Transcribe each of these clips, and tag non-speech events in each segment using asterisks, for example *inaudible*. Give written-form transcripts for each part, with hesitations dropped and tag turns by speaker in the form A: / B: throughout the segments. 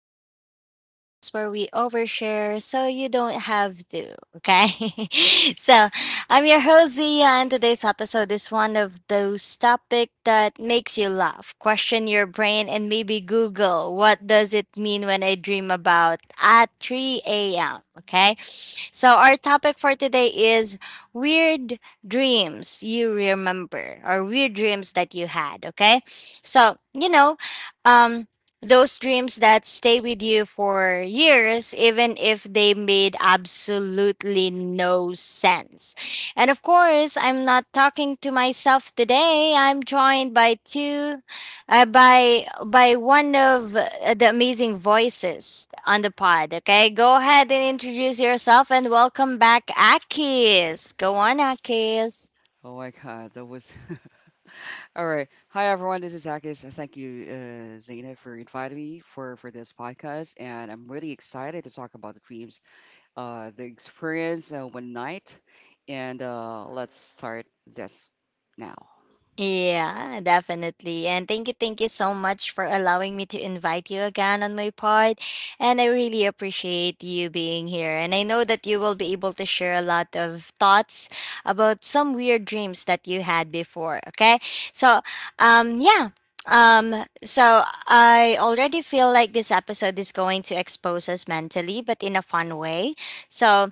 A: Diaries, the podcast where we overshare so you don't have to. Okay. *laughs* so, I'm your host, Zia, and today's episode is one of those topic that makes you laugh, question your brain, and maybe Google what does it mean when I dream about at 3 a.m. Okay. So, our topic for today is weird dreams you remember or weird dreams that you had. Okay, so um those dreams that stay with you for years even if they made absolutely no sense. And of course I'm not talking to myself today. I'm joined by two by one of the amazing voices on the pod. Okay, go ahead and introduce yourself and welcome back, Akis. Go on, Akis.
B: Oh my God, that was *laughs* all right. Hi everyone, this is Akis. Thank you, Zaina, for inviting me for this podcast, and I'm really excited to talk about the dreams, the experience one night, and let's start this now.
A: Yeah, definitely. And thank you so much for allowing me to invite you again on my part. And I really appreciate you being here. And I know that you will be able to share a lot of thoughts about some weird dreams that you had before. Okay. So, yeah. So I already feel like this episode is going to expose us mentally, but in a fun way. So,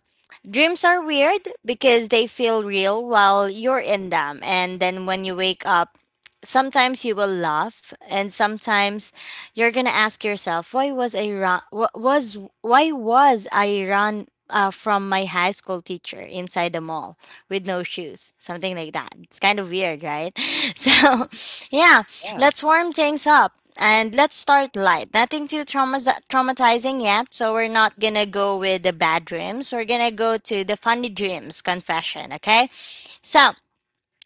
A: dreams are weird because they feel real while you're in them. And then when you wake up, sometimes you will laugh and sometimes you're going to ask yourself, why was I run wa- was why was I run from my high school teacher inside the mall with no shoes, something like that. It's kind of weird, right? *laughs* So, yeah.
B: Yeah.
A: Let's warm things up and let's start light. Nothing too traumatizing yet, so we're not gonna go with the bad dreams. We're gonna go to the funny dreams confession, okay? So,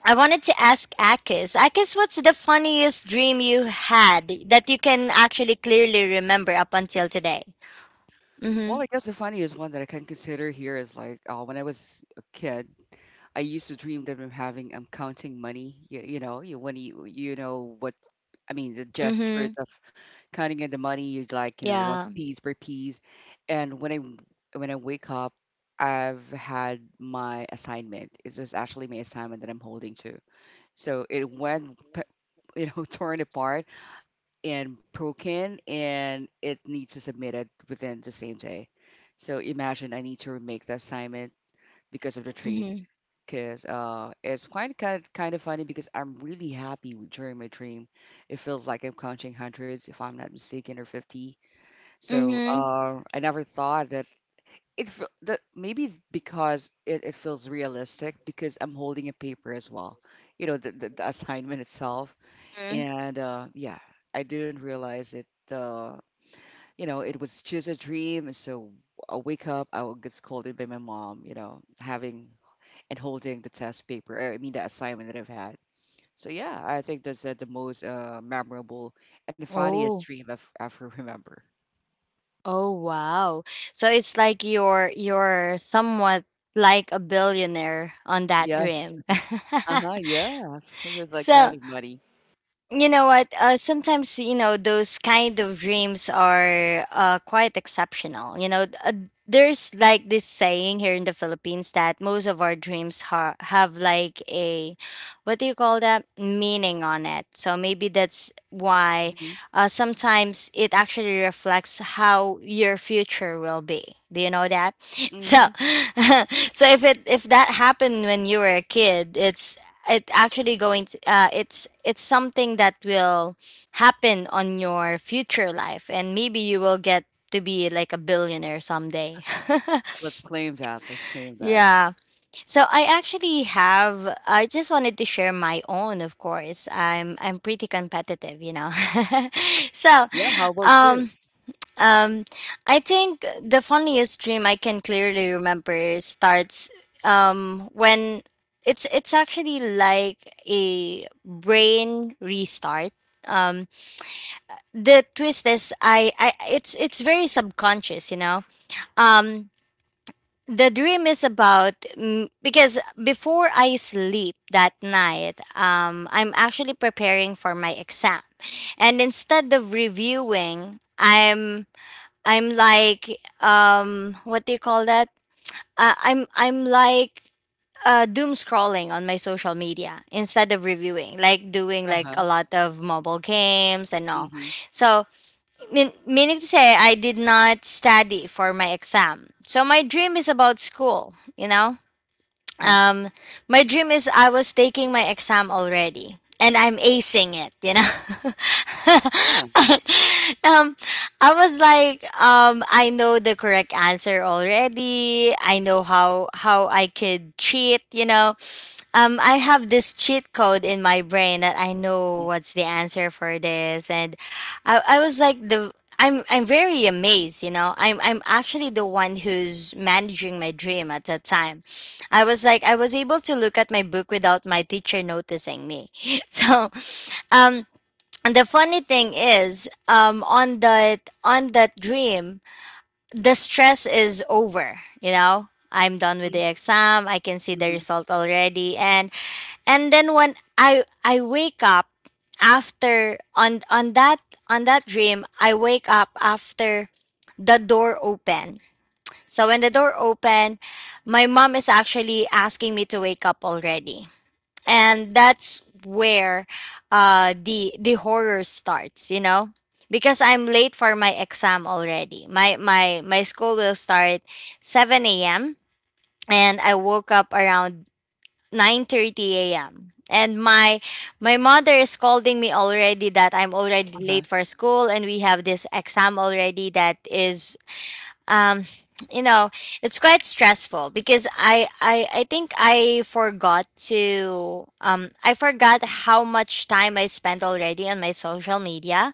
A: I wanted to ask Akis. Akis, what's the funniest dream you had that you can actually clearly remember up until today?
B: Well,
A: Mm
B: I guess the funniest one that I can consider here is like when I was a kid, I used to dream that I'm counting money. You know, you when you know what I mean, the
A: hmm. Mm
B: gestures
A: hmm.
B: of counting in the money, you'd like, one
A: Yeah.
B: piece per piece. And when I wake up, I've had my assignment. It was actually my assignment that I'm holding to. So it went, *laughs* torn apart and broken, and it needs to submit it within the same day. So imagine I need to remake the assignment because of the
A: Mm
B: tree
A: hmm.
B: because it's quite kind of funny because I'm really happy during my dream. It feels like I'm counting hundreds, if I'm not mistaken, or 50.
A: Mm
B: So
A: hmm.
B: I never thought that that maybe because it feels realistic because I'm holding a paper as well. You know, the assignment itself,
A: Mm-hmm.
B: and yeah, I didn't realize it. It was just a dream, and so I wake up, I will get scolded by my mom. You know, having and holding the test paper, I mean the assignment that I've had. So yeah, I think that's the most memorable and funniest
A: Oh.
B: dream I've ever remember.
A: Oh wow. So it's like you're somewhat like a billionaire on that
B: Yes.
A: dream. *laughs*
B: Uh huh. Yeah. It was like
A: So,
B: counting money.
A: you know what, sometimes you know those kind of dreams are quite exceptional, you know. There's like this saying here in the Philippines that most of our dreams have like a, what do you call that, meaning on it. So maybe that's why
B: Hmm.
A: sometimes it actually reflects how your future will be, do you know that? *laughs* So
B: Hmm.
A: *laughs* so if it, if that happened when you were a kid, it's, it actually going to it's something that will happen on your future life, and maybe you will get to be like a billionaire someday. *laughs*
B: Let's claim that. Let's claim that.
A: Yeah, so I actually have, I just wanted to share my own. Of course I'm pretty competitive, you know. *laughs* So
B: Yeah. How about you?
A: um um, I think the funniest dream I can clearly remember starts when it's actually like a brain restart. Um, the twist is I it's very subconscious, you know. Um, the dream is about, because before I sleep that night, I'm actually preparing for my exam, and instead of reviewing, I'm what do you call that? I'm like doom scrolling on my social media instead of reviewing, like doing
B: Uh
A: like
B: huh.
A: a lot of mobile games and all.
B: Mm-hmm.
A: So meaning to say I did not study for my exam. So my dream is about school, you know?
B: Huh.
A: um my dream is I was taking my exam already and I'm acing it, you know.
B: Ah.
A: *laughs* um I was like, I know the correct answer already. I know how I could cheat, you know. I have this cheat code in my brain that I know what's the answer for this, and I was like, the I'm very amazed, you know. I'm actually the one who's managing my dream at that time. I was like, I was able to look at my book without my teacher noticing me. *laughs* So, um, and the funny thing is, on that, on that dream, the stress is over. You know, I'm done with
B: Mm-hmm.
A: the exam. I can see the
B: Mm-hmm.
A: result already, and then when I wake up after, on that, on that dream, I wake up after the door open. So when the door opened, my mom is actually asking me to wake up already. And that's where the horror starts, you know? Because I'm late for my exam already. My school will start 7 a.m. and I woke up around 9:30 a.m. And my mother is scolding me already that I'm already
B: Uh-huh.
A: late for school, and we have this exam already that is um you know it's quite stressful because I think I forgot to, I forgot how much time I spent already on my social media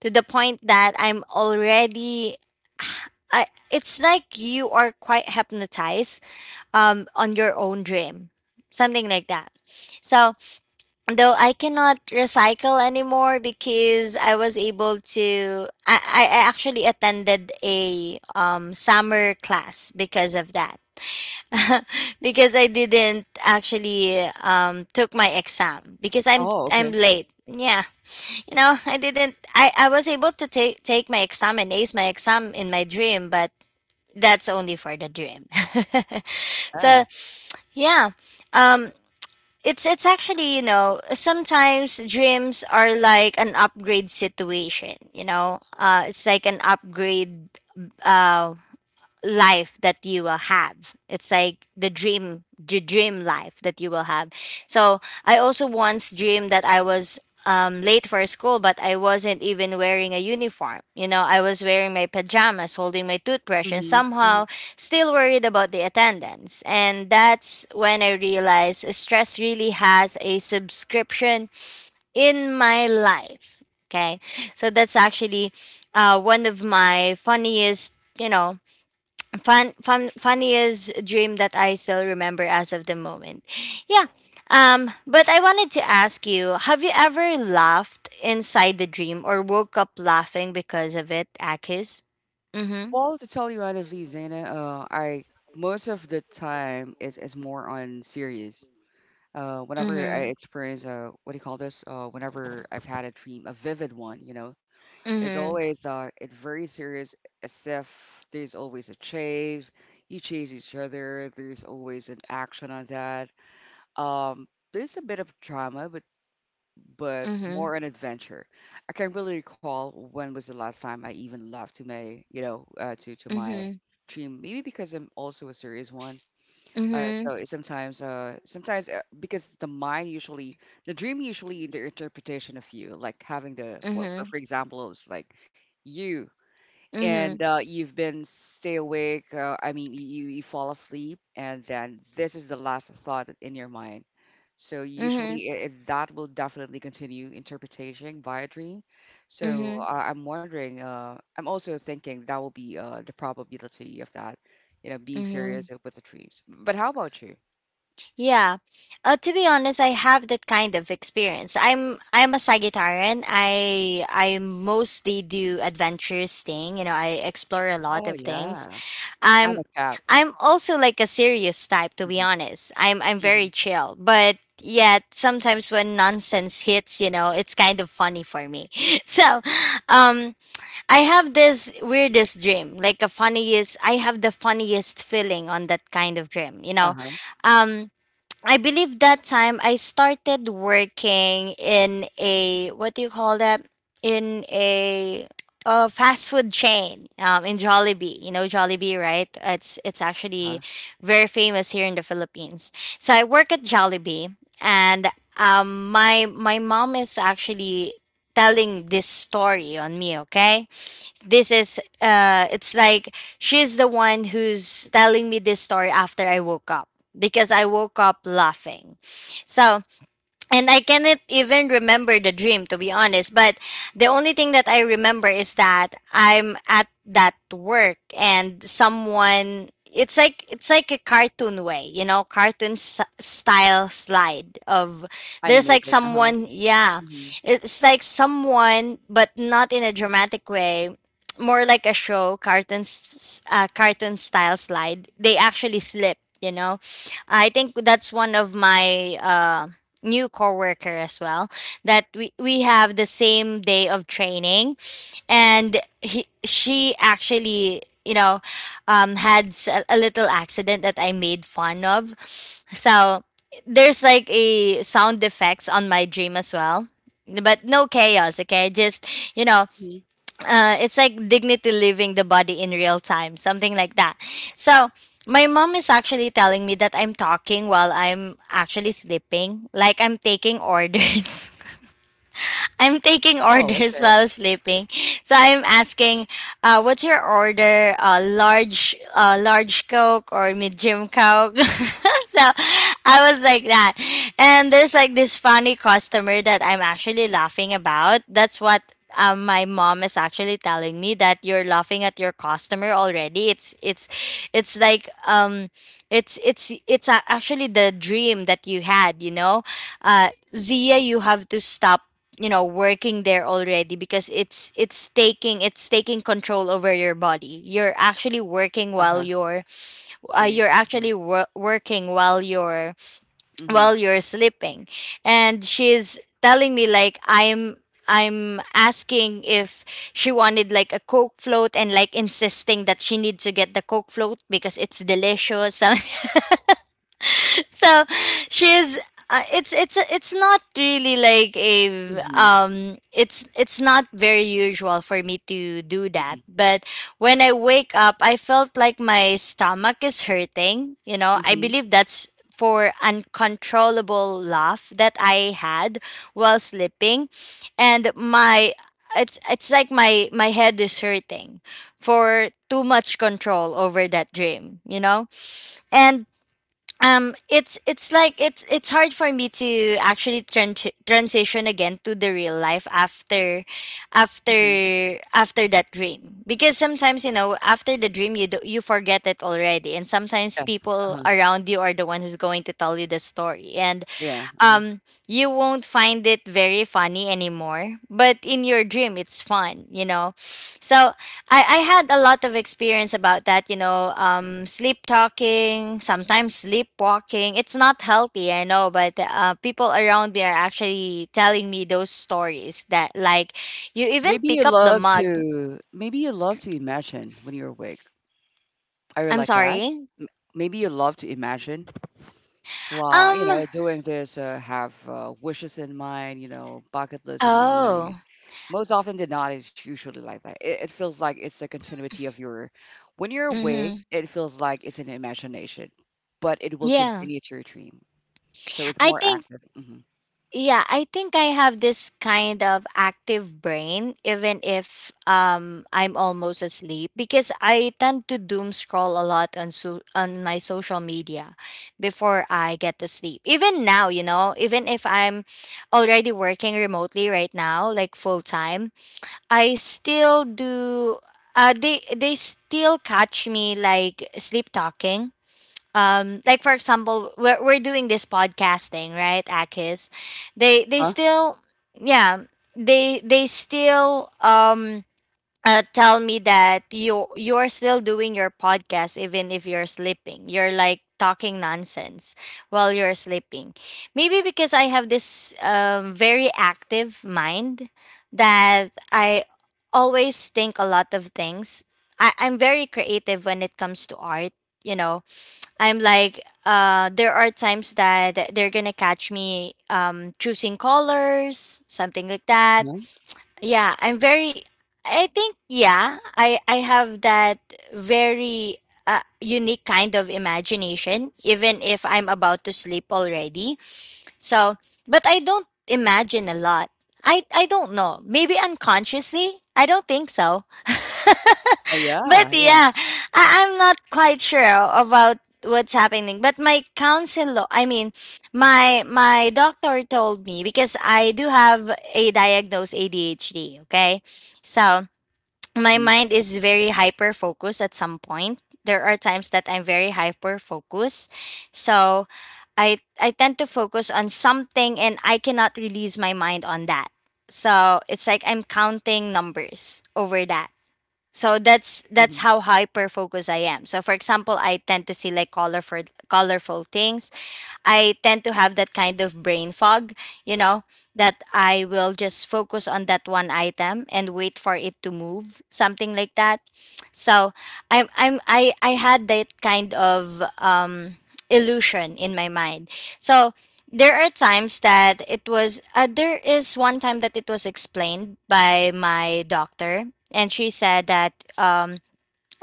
A: to the point that I'm already *sighs* it's like you are quite hypnotized on your own dream, something like that. So though I cannot recycle anymore, because I was able to I actually attended a summer class because of that. *laughs* Because I didn't actually took my exam because
B: Oh,
A: I'm
B: okay.
A: late. Yeah. You know, I didn't, I was able to take my exam and ace my exam in my dream, but that's only for the dream. *laughs*
B: Yeah.
A: So yeah. Um it's actually, you know, sometimes dreams are like an upgrade situation, you know. Uh, it's like an upgrade uh life that you will have. It's like the dream life that you will have. So I also once dreamed that I was late for school, but I wasn't even wearing a uniform. You know, I was wearing my pajamas, holding my toothbrush, and
B: Mm-hmm. Hmm.
A: somehow still worried about the attendance. And that's when I realized stress really has a subscription in my life. Okay, so that's actually one of my funniest, you know, funniest dream that I still remember as of the moment. Yeah. But I wanted to ask you, have you ever laughed inside the dream or woke up laughing because of it, Akis? Mm-hmm.
B: Well, to tell you honestly, Zana, I most of the time it's more on series. Whenever I
A: Mm-hmm.
B: experience what do you call this? Whenever I've had a dream, a vivid one, you know, it's
A: Mm-hmm.
B: always it's very serious. As if there's always a chase, you chase each other. There's always an action on that. Um, there's a bit of drama, but
A: Mm-hmm.
B: more an adventure. I can't really recall when was the last time I even laughed to my, you know, to my dream. Maybe because I'm also a serious one,
A: Mm-hmm.
B: so sometimes, because the mind usually, the dream usually the interpretation of you, like having the what for
A: Mm-hmm.
B: for example, it's like you
A: Mm-hmm. Mm-hmm.
B: you've been stay awake. I mean, you fall asleep, and then this is the last thought in your mind. So
A: Mm-hmm.
B: usually that will definitely continue interpretation by a dream. So
A: Mm-hmm.
B: I'm wondering. I'm also thinking that will be the probability of that, you know, being
A: Mm-hmm.
B: serious with the dreams. But how about you?
A: Yeah. To be honest, I have that kind of experience. I'm a Sagittarian. I mostly do adventurous thing. You know, I explore a lot
B: Oh
A: of things.
B: yeah, I'm a
A: I'm
B: cat.
A: I'm also like a serious type, to be
B: Hmm.
A: honest. I'm very
B: Hmm.
A: chill, but yet sometimes when nonsense hits, you know, it's kind of funny for me. *laughs* So, um I have this weirdest dream, like a funniest I have the funniest feeling on that kind of dream, you know.
B: Uh-huh.
A: Um I believe that time I started working in a, what do you call that, in a fast food chain, in Jollibee. You know Jollibee, right? It's
B: Uh-huh.
A: actually very famous here in the Philippines. So I work at Jollibee, and my my mom is actually telling this story on me. Okay, this is it's like she's the one who's telling me this story after I woke up, because I woke up laughing. So, and I cannot even remember the dream, to be honest. But the only thing that I remember is that I'm at that work, and someone, it's like, it's like a cartoon way, you know, cartoon style slide of, there's like
B: Animated. Uh-huh.
A: someone, yeah.
B: Hmm.
A: It's like someone, but not in a dramatic way. More like a show, cartoon, cartoon style slide. They actually slip, you know. I think that's one of my new coworker as well, that we have the same day of training, and he, she actually, you know, had a little accident that I made fun of. So there's like a sound effects on my dream as well, but no chaos, okay? Just, you know,
B: Hmm.
A: it's like dignity living the body in real time, something like that. So my mom is actually telling me that I'm talking while I'm actually sleeping, like I'm taking orders. *laughs* I'm taking
B: Oh,
A: orders *laughs*
B: okay.
A: while sleeping. So I'm asking, what's your order? Large Coke or medium Coke? *laughs* So I was like that. And there's like this funny customer that I'm actually laughing about. That's what, my mom is actually telling me, that you're laughing at your customer already. It's like it's a- Actually, the dream that you had, uh, Zia, you have to stop working there already because it's taking control over your body. You're actually working while
B: Uh-huh.
A: you're uh,
B: See.
A: you're
B: Hmm.
A: actually wor- working
B: Hmm.
A: while you're sleeping. And she's telling me like I'm asking if she wanted like a Coke float and like insisting that she needs to get the Coke float because it's delicious. *laughs* So she's it's not really like a
B: Mhm,
A: it's not very usual for me to do
B: mhm,
A: that, but when I wake up, I felt like my stomach is hurting. You know, I
B: mhm,
A: believe that's for uncontrollable laugh that I had while sleeping. And my it's like my head is hurting for too much control over that dream, you know. And it's like it's hard for me to actually transition again to the real life after
B: mhm.
A: that dream, because sometimes, you know, after the dream you do, you forget it already, and sometimes
B: Yes,
A: people
B: uh-huh,
A: around you are the one who's going to tell you the story. And
B: yeah, mhm.
A: um you won't find it very funny anymore, but in your dream it's fun, you know. So I had a lot of experience about that, you know. Sleep talking, sometimes sleepwalking, it's not healthy, I know, but people around me are actually telling me those stories, that like you even
B: Maybe you
A: pick up the
B: love
A: mug.
B: to maybe you love to imagine when you're awake. Are you
A: I'm
B: like that?
A: sorry.
B: M- Maybe you love to imagine while,
A: um
B: doing this, have wishes in mind, bucket list in mind.
A: oh.
B: Most often than not, it's usually like that. It feels like it's a continuity of your, when you're awake,
A: Mm-hmm.
B: it feels like it's an imagination, but it will
A: Yeah.
B: continue to your dream. So it's
A: I
B: more
A: think
B: active. Hmm.
A: Yeah, I think I have this kind of active brain, even if I'm almost asleep, because I tend to doom scroll a lot on on my social media before I get to sleep. Even now, you know, even if I'm already working remotely right now, like full time, I still do. They still catch me like sleep talking, like for example, we're doing this podcasting, right, akis? They
B: Huh?
A: still Yeah, they still tell me that you're still doing your podcast even if you're sleeping, you're like talking nonsense while you're sleeping. Maybe because I have this, very active mind that I always think a lot of things. I'm very creative when it comes to art, you know. I'm like, there are times that they're gonna catch me, choosing colors, something like that.
B: Huh?
A: Yeah, I think. Yeah, I have that very unique kind of imagination even if I'm about to sleep already. So but I don't imagine a lot. I don't know, maybe unconsciously, I don't think so. *laughs*
B: Yeah,
A: But
B: yeah.
A: yeah, I'm not quite sure about what's happening, but my counselor, I mean, my doctor told me, because I do have a diagnosed ADHD, okay? So my
B: Mhm,
A: mind is very hyper focused at some point. There are times that I'm very hyper focused. So I tend to focus on something, and I cannot release my mind on that. So it's like I'm counting numbers over that. So that's
B: mhm,
A: that's how hyper focused I am. So for example, I tend to see like colorful things. I tend to have that kind of brain fog, you know, that I will just focus on that one item and wait for it to move, something like that. So I'm I had that kind of illusion in my mind. So there are times that it was there is one time that it was explained by my doctor, and she said that, um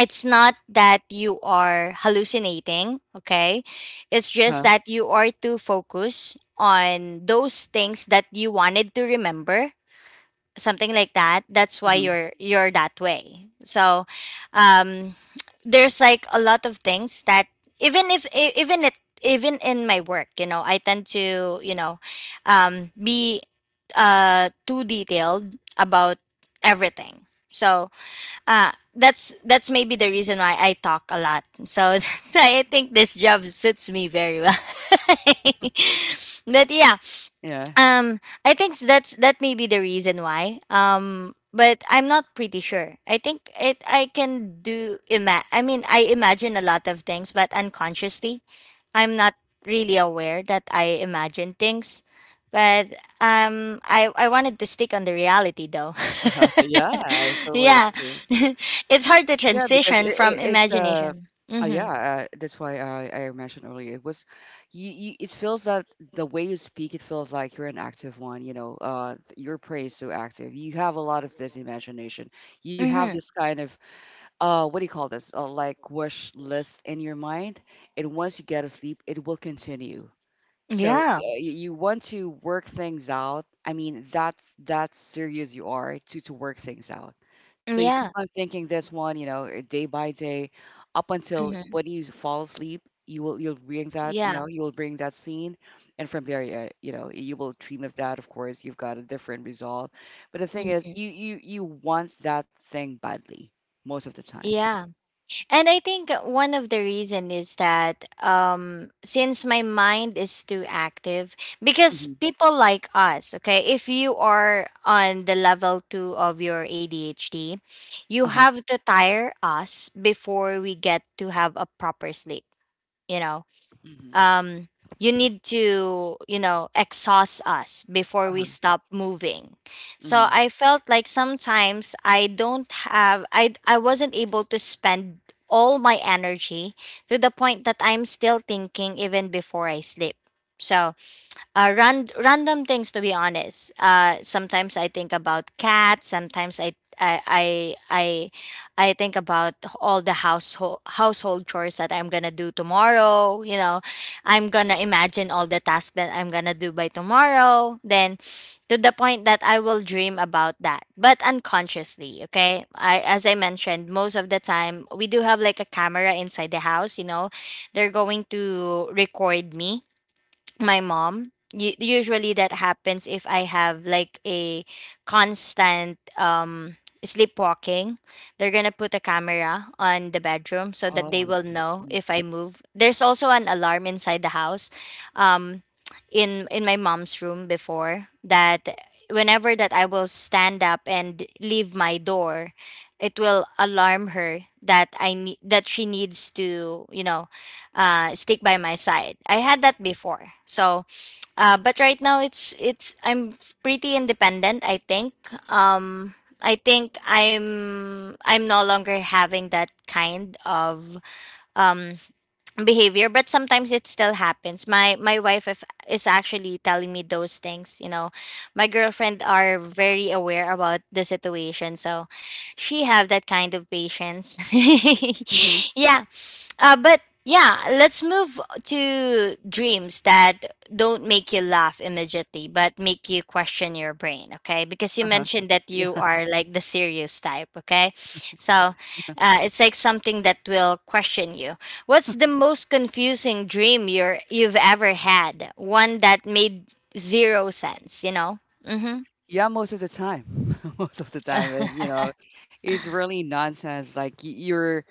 A: it's not that you are hallucinating, okay? It's just
B: uh-huh,
A: that you are too focused on those things that you wanted to remember, something like that. That's why
B: mhm,
A: you're that way. So, um there's like a lot of things that even if even in my work, you know, I tend to, you know, be too detailed about everything. So, that's maybe the reason why I talk a lot. So, *laughs* so I think this job suits me very well. *laughs* But yeah,
B: yeah,
A: I think that's that may be the reason why. But I'm not pretty sure. I think it. I can do. I mean, I imagine a lot of things, but unconsciously, I'm not really aware that I imagine things. But I wanted to stick on the reality though.
B: uh-huh, yeah, I
A: *laughs*
B: totally
A: Yeah,
B: agree.
A: *laughs* it's hard to
B: Yeah, because it,
A: transition
B: it
A: from
B: it's uh,
A: imagination.
B: uh yeah,
A: Mm-hmm.
B: uh, that's why I mentioned earlier it was, you it feels that the way you speak it feels like you're an active one. You know, your praise is so active. You have a lot of this imagination. You have
A: Mm-hmm.
B: this kind of what do you call this? Like wish list in your mind, and once you get asleep, it will continue. So,
A: Yeah.
B: yeah, you want to work things out. I mean, that's serious you are to work things out. So you keep
A: Yeah.
B: on thinking this one, you know, day by day, up until
A: Mm-hmm.
B: when you fall asleep, you'll bring that,
A: Yeah.
B: you'll bring that scene, and from there, you will dream of that. Of course, you've got a different result. But the thing is,
A: Mm-hmm.
B: you want that thing badly most of the time.
A: Yeah. And I think one of the reason is that, since my mind is too active, because
B: Hmm.
A: people like us, okay, if you are on the level two of your ADHD, you
B: Uh-huh.
A: have to tire us before we get to have a proper sleep. You know,
B: Hmm.
A: um, you need to, you know, exhaust us before we
B: Uh-huh.
A: stop moving.
B: Hmm.
A: So I felt like sometimes I don't have, I wasn't able to spend all my energy to the point that I'm still thinking even before I sleep. So, random things, to be honest. Sometimes I think about cats, sometimes I, I I I think about all the household chores that I'm gonna do tomorrow. You know, I'm gonna imagine all the tasks that I'm gonna do by tomorrow. Then, to the point that I will dream about that, but unconsciously. Okay, I as I mentioned, most of the time we do have like a camera inside the house. You know, they're going to record me, my mom. Usually that happens if I have like a constant sleepwalking. They're going to put a camera on the bedroom so that
B: Oh, I
A: they will
B: see.
A: know
B: Hmm.
A: if I move. There's also an alarm inside the house, um in my mom's room. Before that, whenever that I will stand up and leave my door, it will alarm her that I need, that she needs to, you know, stick by my side. I had that before. So, but right now it's I'm pretty independent, I think. Um, I think I'm no longer having that kind of, um, behavior, but sometimes it still happens. My wife, if, is actually telling me those things, you know. My girlfriend are very aware about the situation, so she have that kind of patience.
B: Hmm.
A: *laughs* Yeah. But yeah, let's move to dreams that don't make you laugh immediately but make you question your brain, okay? Because you
B: Uh-huh.
A: mentioned that you are like the serious type, okay? So, it's like something that will question you. What's the most confusing dream you've ever had? One that made zero sense, you know? Mm-hmm.
B: Yeah, most of the time. *laughs* Most of the time is,
A: *laughs*
B: it's really nonsense. Like you're,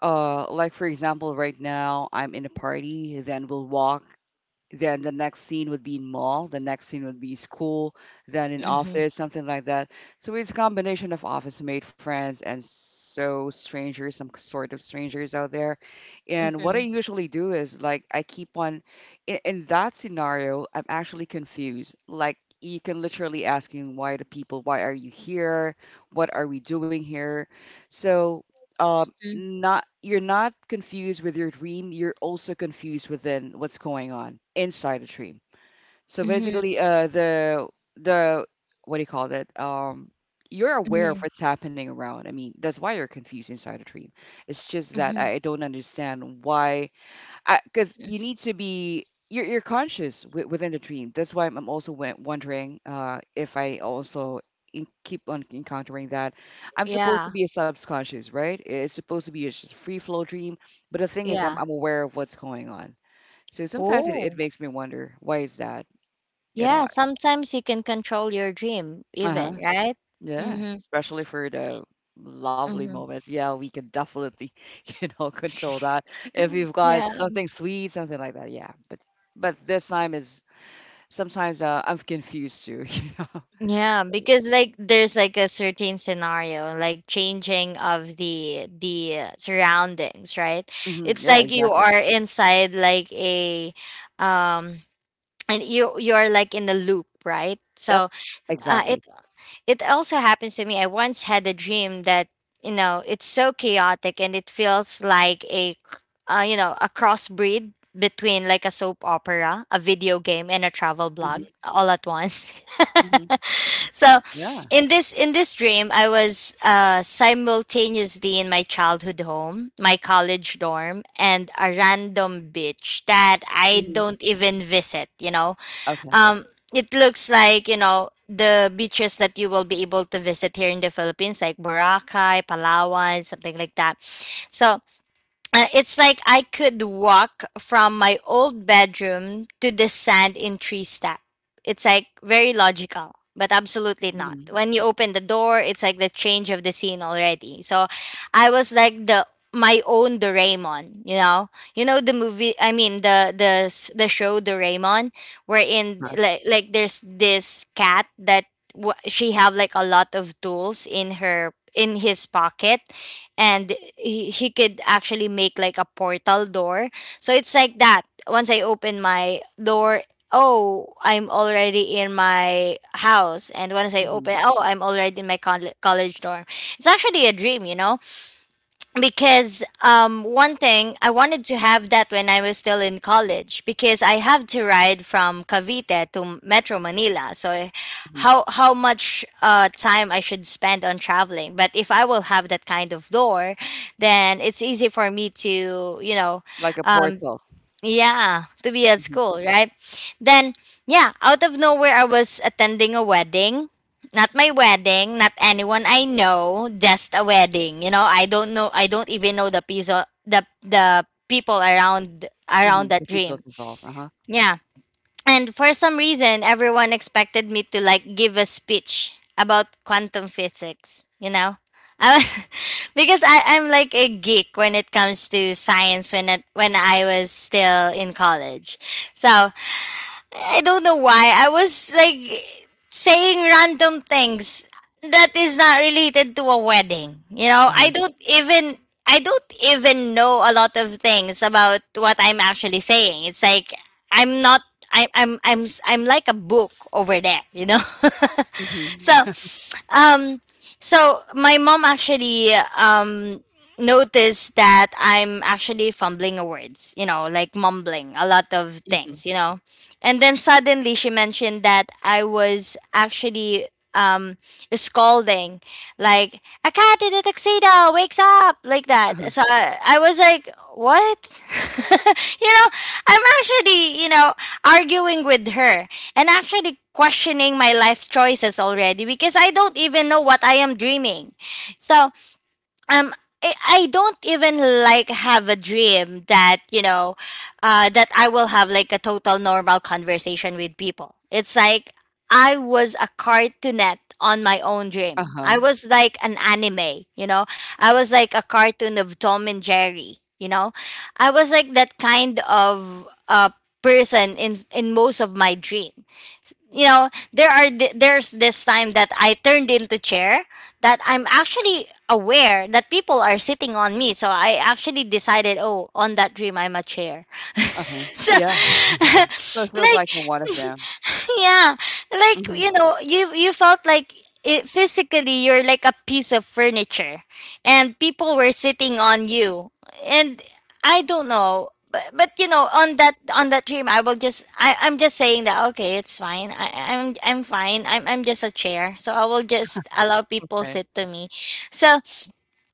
B: like for example, right now I'm in a party, then we'll walk, then the next scene would be in mall, the next scene would be school, then in
A: Mm-hmm.
B: office, something like that. So it's a combination of office made friends and so strangers, some sort of strangers out there. And what I
A: Mm-hmm.
B: usually do is like I keep on in that scenario, I'm actually confused, like you can literally asking why the people, why are you here, what are we doing here. So uh, not you're not confused with your dream, you're also confused within what's going on inside the dream. So
A: Mm-hmm.
B: basically the the what do you call that? You're aware of
A: Mm-hmm.
B: what's happening around. I mean, that's why you're confused inside a dream. It's just that
A: Mm-hmm.
B: I don't understand why because you need to be you're conscious within the dream. That's why I'm also wondering if I also keep on encountering that. I'm supposed to
A: Yeah.
B: be a subconscious, right? It's supposed to be a just free flow dream. But the thing is, i'm,
A: Yeah.
B: I'm aware of what's going on. So sometimes it
A: Oh.
B: makes me wonder why is that, you know.
A: Yeah. Sometimes you can control your dream
B: Uh-huh.
A: even, right?
B: Yeah,
A: Mm-hmm.
B: especially for the lovely
A: Mm-hmm.
B: moments. Yeah, we can definitely *laughs* control that if you've got
A: Yeah.
B: something sweet, something like that. Yeah, but this time is. Sometimes, I'm confused too, *laughs* you know?
A: Yeah, because like there's like a certain scenario, like changing of the surroundings, right?
B: Mhm,
A: It's
B: yeah,
A: like you
B: exactly.
A: are inside like a, um and you are like in a loop, right?
B: Yep,
A: So, uh
B: exactly.
A: it it also happens to me. I once had a dream that, you know, it's so chaotic and it feels like you know, a crossbreed between like a soap opera, a video game, and a travel blog
B: Mhm,
A: all at once.
B: mhm.
A: *laughs* So
B: Yeah,
A: in this dream, I was, simultaneously in my childhood home, my college dorm, and a random beach that I
B: mhm.
A: don't even visit, you know.
B: Okay.
A: um, it looks like, you know, the beaches that you will be able to visit here in the Philippines, like Boracay, Palawan, something like that. So, it's like I could walk from my old bedroom to the sand in three step. It's like very logical, but absolutely not.
B: Mhm.
A: When you open the door, it's like the change of the scene already. So I was like the my own Doraemon, you know the movie. I mean the show Doraemon, wherein
B: Huh.
A: like there's this cat that, she have like a lot of tools in her in his pocket, and he could actually make like a portal door. So it's like that. Once I open my door, oh, I'm already in my house. And once I
B: Mhm,
A: open, oh, I'm already in my college dorm. It's actually a dream, you know, because one thing I wanted to have that when I was still in college, because I have to ride from Cavite to Metro Manila. So
B: mhm.
A: how much time I should spend on traveling? But if I will have that kind of door, then it's easy for me to, you know,
B: Like a
A: um,
B: portal.
A: yeah, to be at
B: Mhm,
A: school, right? Then, yeah, out of nowhere, I was attending a wedding. Not my wedding, not anyone I know, just a wedding. You know, I don't even know the piece of the people around
B: mhm. The
A: that dream.
B: seatbelt's involved. Uh-huh,
A: Yeah, and for some reason, everyone expected me to like give a speech about quantum physics, you know? I was, *laughs* because I'm like a geek when it comes to science when I was still in college. So I don't know why. I was like saying random things that is not related to a wedding. You know,
B: uh-huh.
A: I don't even know a lot of things about what I'm actually saying. It's like I'm not I, I'm s- I'm like a book over there, you know. *laughs* so,
B: Mhm.
A: um, so my mom actually noticed that I'm actually fumbling words, you know, like mumbling a lot of
B: Mhm.
A: things, you know. And then suddenly she mentioned that I was actually um scolding like a cat in a tuxedo wakes up like
B: *laughs* Uh-huh.
A: that. I was like, what? *laughs* You know, I'm actually, you know, arguing with her and actually questioning my life choices already because I don't even know what I am dreaming. So um I I don't even like have a dream that, you know, that I will have like a total normal conversation with people. It's like I was a cartoonette on my own dream.
B: Uh-huh.
A: I was like an anime, you know. I was like a cartoon of Tom and Jerry, you know. I was like that kind of person in most of my dream. You know, there are there's this time that I turned into chair, that I'm actually aware that people are sitting on me, so I actually decided, oh, on that dream I'm a chair.
B: Uh-huh.
A: *laughs* So
B: Yeah.
A: *laughs*
B: So it feels
A: like
B: like you're one
A: *laughs*
B: of them.
A: *laughs* yeah, like,
B: Mhm.
A: you know, you felt like it, physically you're like a piece of furniture and people were sitting on you. And I don't know, but you know, on that dream I will just, I'm just saying that okay, it's fine, I'm fine, I'm just a chair, so I will just allow people
B: Okay.
A: sit to me. So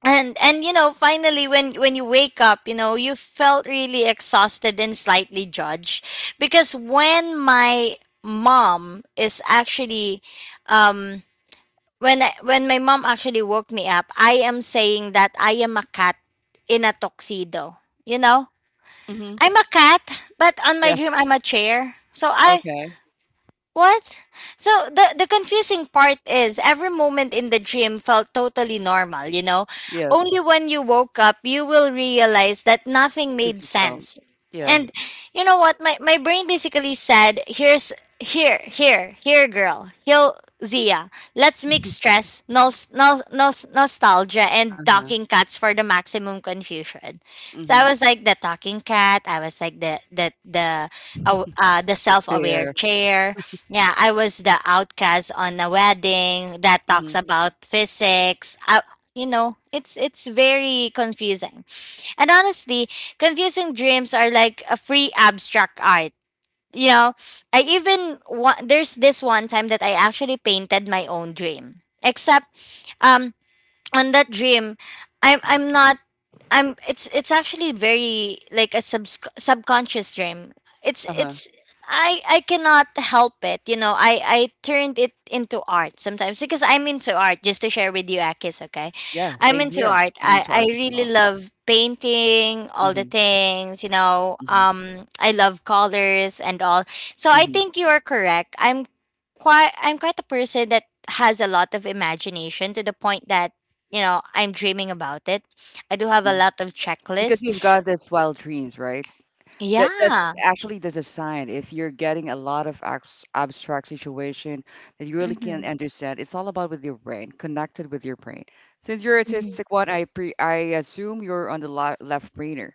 A: and you know, finally when you wake up, you know, you felt really exhausted and slightly judged. Because when my mom is actually um when my mom actually woke me up, I am saying that I am a cat in a tuxedo, you know.
B: Mhm.
A: I'm a cat, but on
B: Yeah.
A: my dream I'm a chair, so I,
B: Okay.
A: what? So the confusing part is every moment in the dream felt totally normal, you know.
B: Yeah.
A: Only when you woke up you will realize that nothing
B: Focus
A: made
B: yourself.
A: sense.
B: Yeah.
A: And you know what? My brain basically said, here, girl. Heal Zia. Let's mix
B: Mhm.
A: stress, nostalgia and
B: Uh-huh.
A: talking cats for the maximum confusion. So I
B: Mhm.
A: was like the talking cat, I was like the
B: The
A: self-aware
B: chair.
A: chair. Yeah, I was the outcast on a wedding that
B: Mhm.
A: talks about physics. You know, it's very confusing. And honestly, confusing dreams are like a free abstract art. You know, there's this one time that I actually painted my own dream. Except um on that dream,
B: Mhm.
A: I'm not I'm it's actually very like a sub subconscious dream. It's
B: Uh-huh.
A: it's I cannot help it. You know, I turned it into art sometimes because I'm into art, just to share with you Akis, okay?
B: Yeah,
A: I'm
B: same
A: into
B: here.
A: art.
B: I'm into
A: I
B: art as
A: really
B: well.
A: love painting, all the
B: Mhm.
A: things, you know.
B: Mhm,
A: I love colors and all. So I
B: mhm,
A: think you are correct. I'm quite a person that has a lot of imagination to the point that, you know, I'm dreaming about it. I do have a
B: mhm.
A: lot of
B: Because
A: checklist.
B: you've got this wild dreams, right? That's
A: Yeah.
B: actually the design. If you're getting a lot of abstract situation that you really can't
A: Mhm.
B: understand, it's all about with your brain, connected with your brain. Since you're
A: Mhm.
B: artistic one, I assume you're on the la left brainer.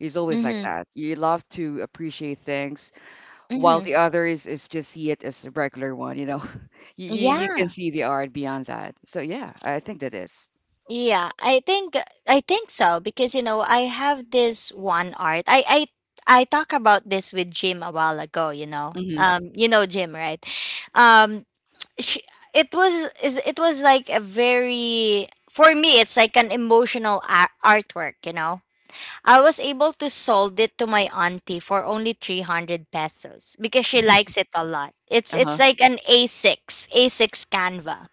B: He's always like
A: Mhm.
B: that. You love to appreciate things, while
A: Mhm.
B: the other is just see it as a regular one. You know, *laughs* you can
A: Yeah.
B: see the art beyond that. So yeah, I think that is.
A: Yeah. I think, I think so, because you know, I have this one art. I talk about this with Jim a while ago, you know.
B: Mm-hmm.
A: You know Jim, right? Um sh it was is it was like a very, for me it's like an emotional artwork, you know. I was able to sold it to my auntie for only 300 pesos because she
B: *laughs*
A: likes it a lot. It's
B: Uh-huh.
A: like an A6, A6 Canva.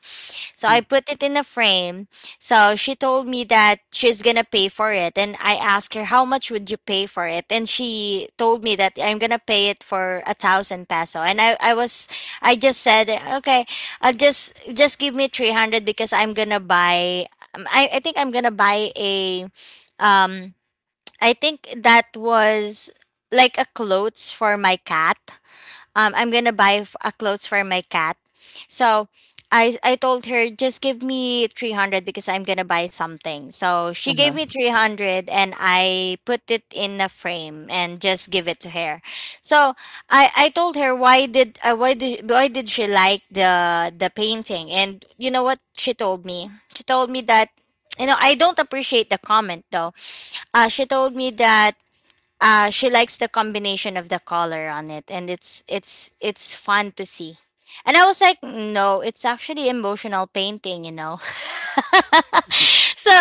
A: So I
B: Mm,
A: put it in a frame. So she told me that she's going to pay for it and I asked her how much would you pay for it, and she told me that I'm going to pay it for a 1,000 peso, and I was, I just said okay, I'll just give me 300 because I'm going to buy, I think I'm going to buy a um I think that was like a clothes for my cat, I'm gonna buy a clothes for my cat. So I told her, just give me 300 because I'm gonna buy something. So she gave
B: uh-huh.
A: me 300 and I put it in a frame and just give it to her. So I told her, why did she like the painting? And you know what she told me? She told me that, you know, I don't appreciate the comment though. She told me that, she likes the combination of the color on it, and it's it's fun to see. And I was like, no, it's actually emotional painting, you know. *laughs* So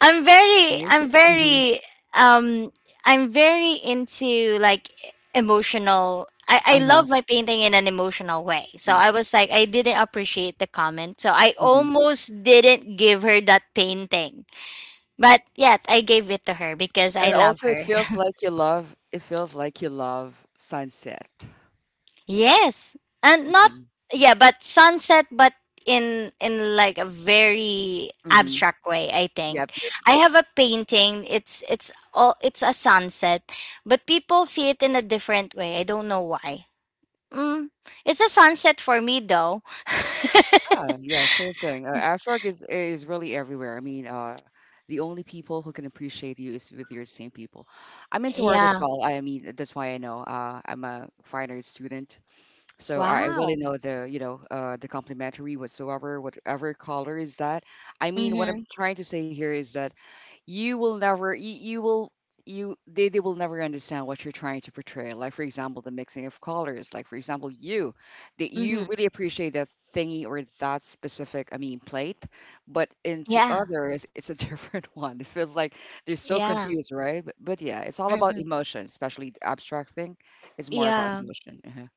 A: I'm very
B: See?
A: I'm
B: Mhm.
A: very um I'm very into like emotional, I
B: Uh-huh.
A: love my painting in an emotional way. So
B: Mm,
A: I was like, I didn't appreciate the comment. So I
B: mhm.
A: almost didn't give her that painting. But yet I gave it to her because I
B: And
A: love
B: also
A: her.
B: it feels like you love sunset.
A: Yes, and not,
B: Mhm.
A: yeah, but sunset, but in like a very
B: Mhm.
A: abstract way. I
B: Yep,
A: think
B: yep.
A: I have a painting. It's a sunset, but people see it in a different way. I don't know why. Mm, it's a sunset for me though.
B: Ah, yeah, same thing. Afroc is really everywhere. I mean, the only people who can appreciate you is with your same people. I'm into art as
A: Yeah.
B: well. I mean, that's why I know. I'm a fine art student. So I really
A: Wow.
B: know the complementary whatsoever, whatever color is that. I mean, what I'm
A: Mhm.
B: trying to say here is that you will never, you will, you, they will never understand what you're trying to portray. Like, for example, the mixing of colors. Like, for example, that you
A: Mhm.
B: really appreciate that thingy or that specific, I mean, plate, but into
A: Yeah.
B: others, it's a *laughs* different one. It feels like they're so
A: Yeah.
B: confused, right? But, yeah, it's all about
A: Mhm.
B: emotion, especially the abstract thing. It's more about
A: Yeah.
B: emotion. Uh-huh.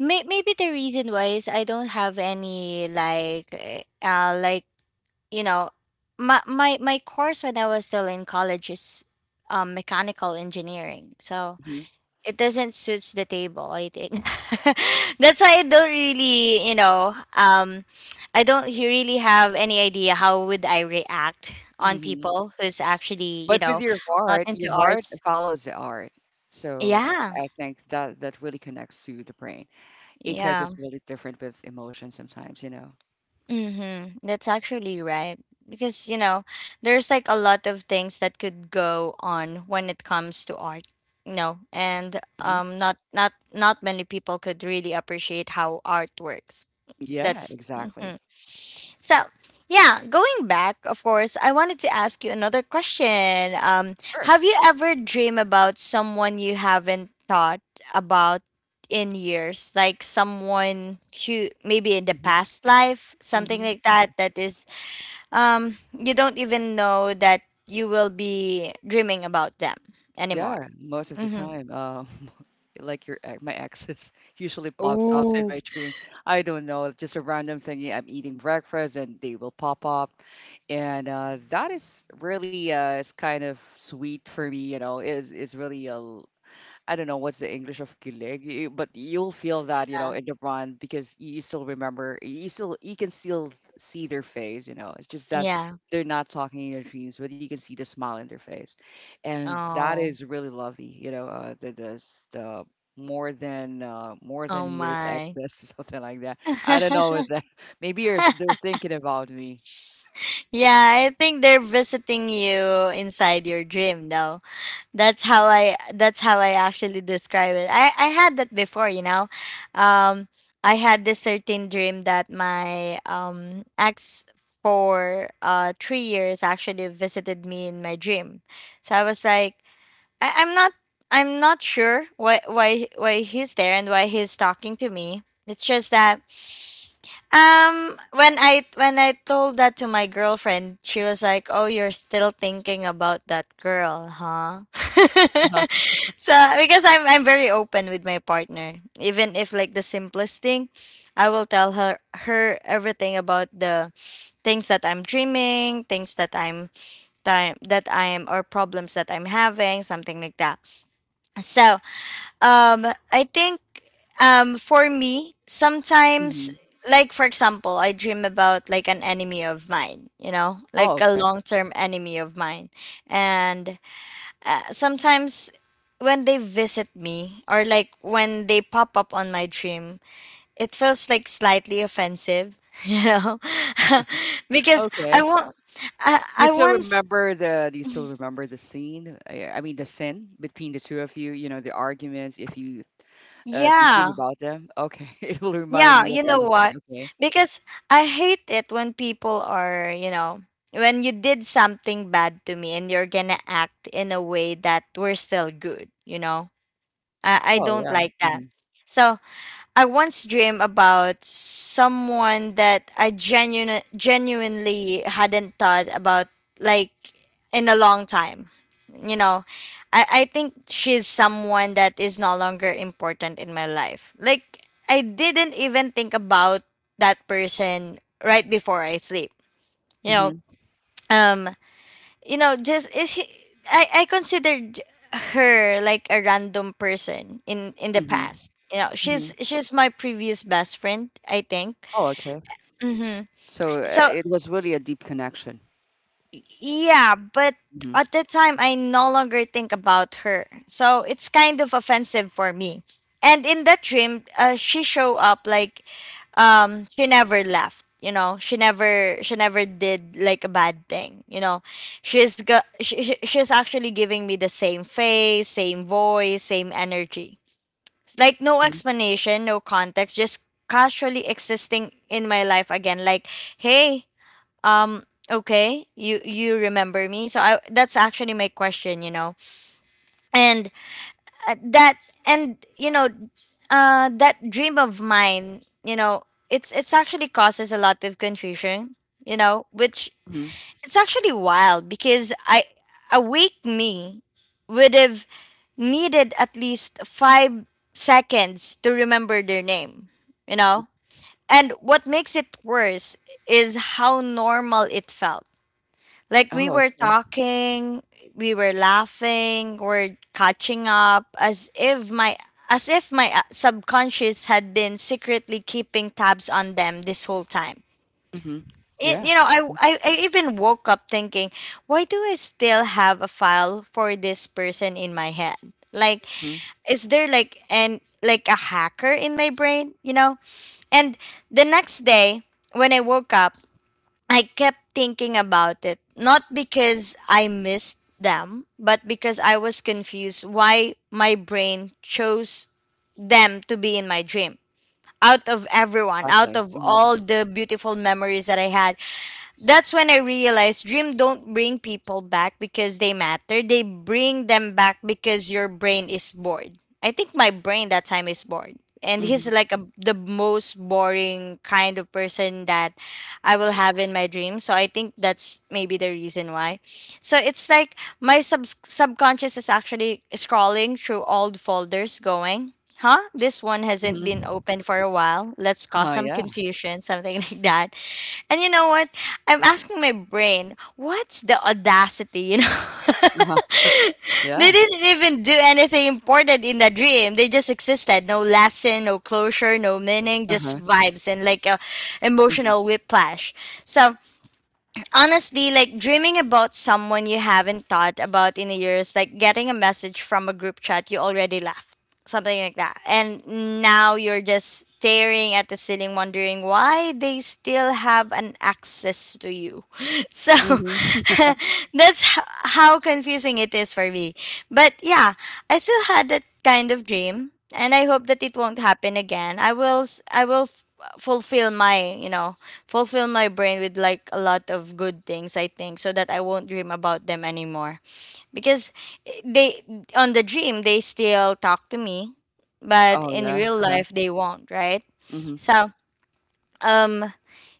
A: Maybe the reason why is I don't have any like like, you know, my course when I was still in college is mechanical engineering. So
B: Mm-hmm.
A: it doesn't suits the table, I think. *laughs* That's why I don't really, you know, I don't really have any idea how would I react on
B: Mhm.
A: people who's actually, you
B: But with
A: know, not into
B: your heart
A: arts.
B: follows the art. So
A: Yeah.
B: I think that really connects to the brain because it's
A: Yeah.
B: really different with emotion sometimes, you know.
A: Mm-hmm. That's actually right. Because, you know, there's like a lot of things that could go on when it comes to art, you know, and
B: Hmm.
A: not many people could really appreciate how art works.
B: Yeah,
A: That's
B: exactly.
A: mhm. So. Yeah, going back, of course, I wanted to ask you another question.
B: Sure.
A: Have you ever dreamed about someone you haven't thought about in years, like someone who maybe in the
B: Hmm.
A: past life, something
B: Hmm.
A: like that? That is, you don't even know that you will be dreaming about them anymore.
B: Yeah, most of the
A: Mm-hmm.
B: time. *laughs* Like my exes *laughs* usually pops up in
A: Ooh.
B: my dream. I don't know, just a random thing. Yeah, I'm eating breakfast and they will pop up, and that is really is kind of sweet for me. You know, is really a I don't know what's the English of kilig, but you'll feel that,
A: Yeah.
B: in the run because you still remember, you can still see their face. It's just that
A: Yeah.
B: they're not talking in your dreams, but you can see the smile in their face, and that
A: Oh.
B: is really lovely, you know. The more than
A: Oh
B: years
A: my.
B: excess, *laughs* something like that. I don't know what
A: *laughs*
B: that. Maybe you're they're thinking about me.
A: Yeah, I think they're visiting you inside your dream though. That's how I actually describe it. I had that before, you know. Um I had this certain dream that my ex for 3 years actually visited me in my dream. So I was like, I'm not, I'm not sure why he's there and why he's talking to me. It's just that, when I told that to my girlfriend, she was like, "Oh, you're still thinking about that girl, huh?" *laughs*
B: Uh-huh.
A: So because I'm very open with my partner, even if like the simplest thing, I will tell her everything about the things that I'm dreaming, things that I'm time that I am, or problems that I'm having, something like that. So, I think for me, sometimes,
B: Mhm.
A: like for example, I dream about like an enemy of mine, you know,
B: Oh,
A: like a
B: okay,
A: long-term enemy of mine. And sometimes when they visit me, or like when they pop up on my dream, it feels like slightly offensive, *laughs* you know, *laughs* because I
B: okay.
A: want,
B: You
A: I
B: still
A: once,
B: remember the do you still remember the scene? I mean the sin between the two of you, you know, the arguments if you dream
A: yeah.
B: about them. Okay. *laughs* It will remind
A: Yeah,
B: me of
A: you know
B: everything.
A: what?
B: Okay.
A: Because I hate it when people are, you know, when you did something bad to me and you're gonna act in a way that we're still good, you know? I
B: Oh
A: don't
B: yeah.
A: like that.
B: Mhm.
A: So I once dreamed about someone that I genuinely hadn't thought about, like, in a long time. You know, I think she's someone that is no longer important in my life. Like, I didn't even think about that person right before I sleep. You know,
B: Mhm.
A: um, you know just is he, I considered her like a random person in the
B: Mhm.
A: past, you know.
B: Mhm.
A: She's my previous best friend, I think.
B: Oh okay.
A: Mm-hmm.
B: So
A: So,
B: it was really a deep connection.
A: yeah, but
B: Mhm.
A: at the time I no longer think about her. So it's kind of offensive for me. And in that dream, she showed up like, she never left, you know. She never did like a bad thing, you know. She's actually giving me the same face, same voice, same energy. Like no
B: Mhm.
A: explanation, no context, just casually existing in my life again like, "Hey, um okay, you remember me." So I that's actually my question, you know. And uh, that and that dream of mine, you know, it's actually causes a lot of confusion, you know, which
B: Mhm.
A: it's actually wild because I awake me would have needed at least 5 seconds to remember their name, you know. And what makes it worse is how normal it felt like we
B: Oh
A: were
B: okay.
A: talking, we were laughing, we're catching up as if my subconscious had been secretly keeping tabs on them this whole time.
B: Mhm.
A: Y-
B: Yeah.
A: you know, I, I I even woke up thinking, why do I still have a file for this person in my head? Like,
B: Mhm.
A: is there like a hacker in my brain? You know? And the next day when I woke up, I kept thinking about it, not because I missed them, but because I was confused why my brain chose them to be in my dream. Out of everyone, out
B: Exactly.
A: of
B: Mhm.
A: all the beautiful memories that I had, that's when I realized dream don't bring people back because they matter. They bring them back because your brain is bored. I think my brain that time is bored. And he's
B: Mhm.
A: like the most boring kind of person that I will have in my dream. So I think that's maybe the reason why. So it's like my subconscious is actually scrolling through old folders going, huh? This one hasn't been
B: Mhm.
A: opened for a while. Let's cause
B: Uh-huh,
A: some
B: yeah.
A: confusion, something *laughs* like that. And you know what? I'm asking my brain, what's the audacity, you know?
B: Uh-huh.
A: *laughs* They
B: Yeah.
A: didn't even do anything important in the dream. They just existed. No lesson, no closure, no meaning, just
B: Uh-huh.
A: vibes and like a
B: Mhm.
A: emotional whiplash. So Honestly, like dreaming about someone you haven't thought about in years, like getting a message from a group chat you already left, something like that. And now you're just staring at the ceiling, wondering why they still have an access to you. *laughs* So
B: Mhm.
A: *laughs*
B: *laughs*
A: that's h- how confusing it is for me. But yeah, I still had that kind of dream, and I hope that it won't happen again. I will fulfill my, you know, fulfill my brain with like a lot of good things I think so that I won't dream about them anymore because they on the dream they still talk to me but
B: Oh
A: in
B: yeah.
A: real
B: Uh-huh.
A: life they won't, right?
B: Mhm.
A: So um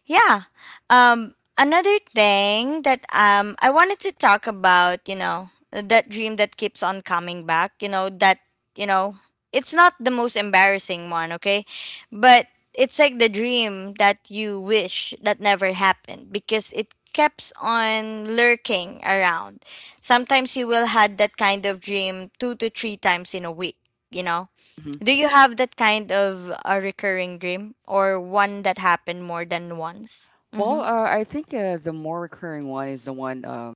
A: yeah. Another thing that I wanted to talk about, you know, that dream that keeps on coming back, you know, that, you know, it's not the most embarrassing one, okay? But it's like the dream that you wish that never happened because it keeps on lurking around. Sometimes you will had that kind of dream 2 to 3 times in a week, you know.
B: Mhm.
A: Do you have that kind of a recurring dream or one that happened more than once?
B: Well,
A: Mm-hmm.
B: uh, I think the more recurring one is the one,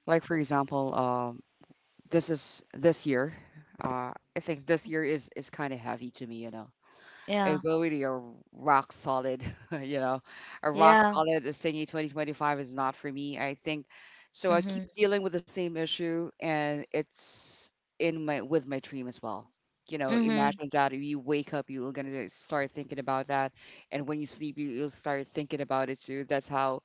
B: like for example, this is this year. I think this year is kind of heavy to me, you know. It
A: Yeah.
B: will really a rock solid, *laughs* you know, a rock
A: Yeah.
B: solid thingy. 2025 is not for me. I think so. I
A: Mm-hmm.
B: keep dealing with the same issue, and it's in my with my dream as well. You know,
A: Mm-hmm.
B: imagine that you wake up, you're gonna start thinking about that, and when you sleep, you, you'll start thinking about it too. That's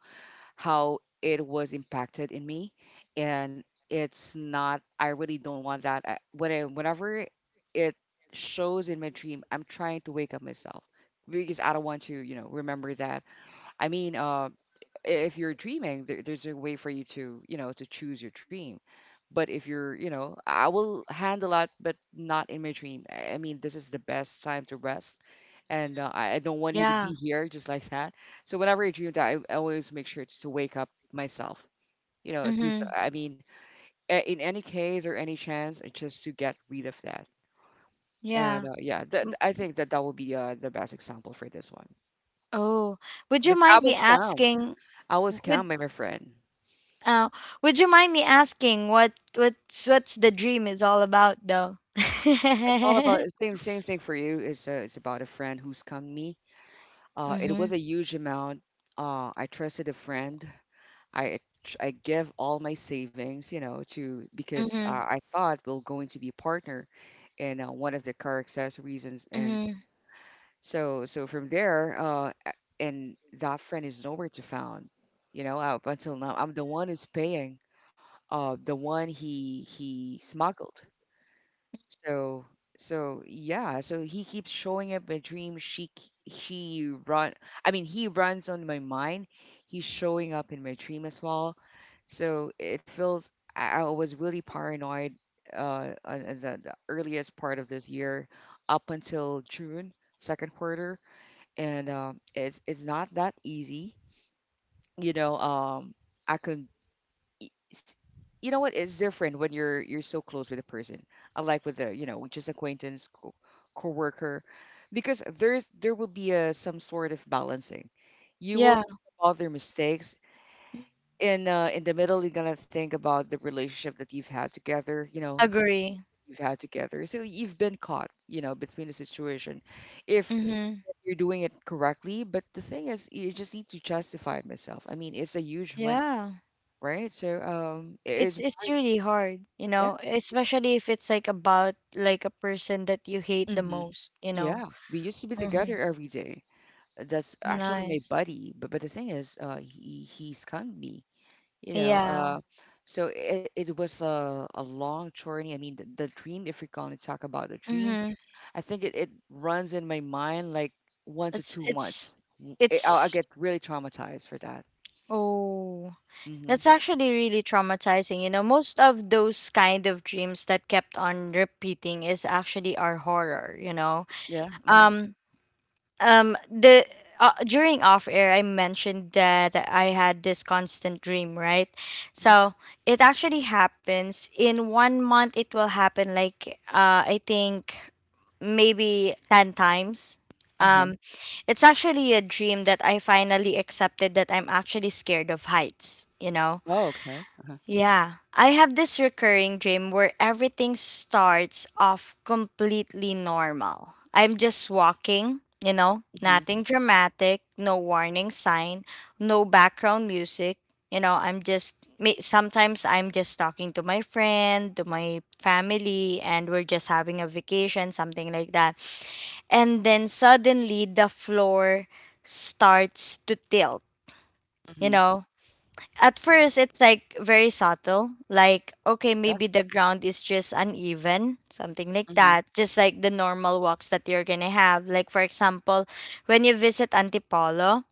B: how it was impacted in me, and it's not. I really don't want that. I, when I, whenever it shows in my dream, I'm trying to wake up myself because I don't want to, you know, remember that I mean, uh, if you're dreaming, there's a way for you to, you know, to choose your dream. But if you're, you know, I will handle that, but not in my dream. I mean, this is the best time to rest, and I don't want you to be
A: Yeah.
B: here *laughs* just like that. So whenever I dream that, I always make sure it's to wake up myself. You know, do so.
A: Mm-hmm.
B: I mean, a- in any case or any chance, it's just to get rid of that. And
A: Yeah.
B: yeah, that
A: Mm.
B: I think that that will be the best example for this one.
A: Oh, would you
B: But I
A: mind me
B: was calm.
A: asking?
B: I was
A: Would
B: calm by my friend.
A: uh, would you mind me asking what what's the dream is all about though? *laughs*
B: It's all about it's same same thing for you. It's about a friend who's come me. It
A: Mm-hmm.
B: was a huge amount. I trusted a friend. I I give all my savings, you know, to because
A: Mm-hmm.
B: I thought we're going to be a partner in one of the car accessories. Reasons, and
A: Mm-hmm.
B: so so from there, a- and that friend is nowhere to found. You know, up until now, I'm the one who's paying. The one he smuggled. So so yeah, so he keeps showing up my dream. She k- she run. I mean, he runs on my mind. He's showing up in my dream as well. So it feels I was really paranoid on the earliest part of this year up until June second quarter and it's not that easy you know I could y- s- you know what it's different when you're so close with a person unlike with a you know just acquaintance co- co because there's there will be a some sort of balancing you will
A: Yeah.
B: think about their mistakes in the middle you're gonna think about the relationship that you've had together you know that
A: Agree.
B: you've had together so you've been caught you know between the situation if
A: Mm-hmm.
B: you're doing it correctly but the thing is you just need to justify it myself I mean it's a huge money
A: Yeah.
B: right so it is
A: It's really hard, you
B: yeah
A: know, especially if it's like about like a person that you hate the
B: hmm
A: most, you know.
B: Yeah, we used to be together
A: Mhm.
B: every day. That's actually my
A: Nice.
B: buddy. But the thing is, he scammed me. You know,
A: Yeah.
B: so it was a long journey. I mean, the dream, if we're going to talk about the dream,
A: Mhm.
B: I think it runs in my mind like one to
A: It's
B: two
A: it's
B: months. W- it- I'll, I
A: it's
B: get really traumatized for that.
A: oh.
B: Hmm
A: That's actually really traumatizing. You know, most of those kind of dreams that kept on repeating is actually our horror, you know.
B: Yeah. hmm
A: Um the During off air I mentioned that I had this constant dream, right? So it actually happens in one month it will happen like I think maybe 10 times.
B: Uh-huh.
A: um it's actually a dream that I finally accepted that I'm actually scared of heights, you know.
B: Oh, okay. Uh-huh.
A: Yeah, I have this recurring dream where everything starts off completely normal. I'm just walking, you know,
B: hmm
A: nothing dramatic, no warning sign, no background music. You know, sometimes I'm just talking to my friend, to my family, and we're just having a vacation, something like that. And then suddenly the floor starts to tilt, you
B: hmm
A: know, at first it's like very subtle, like okay
B: Yeah.
A: maybe the ground is just uneven, something like
B: hmm
A: that, just like the normal walks that you're gonna have, like for example when you visit Antipolo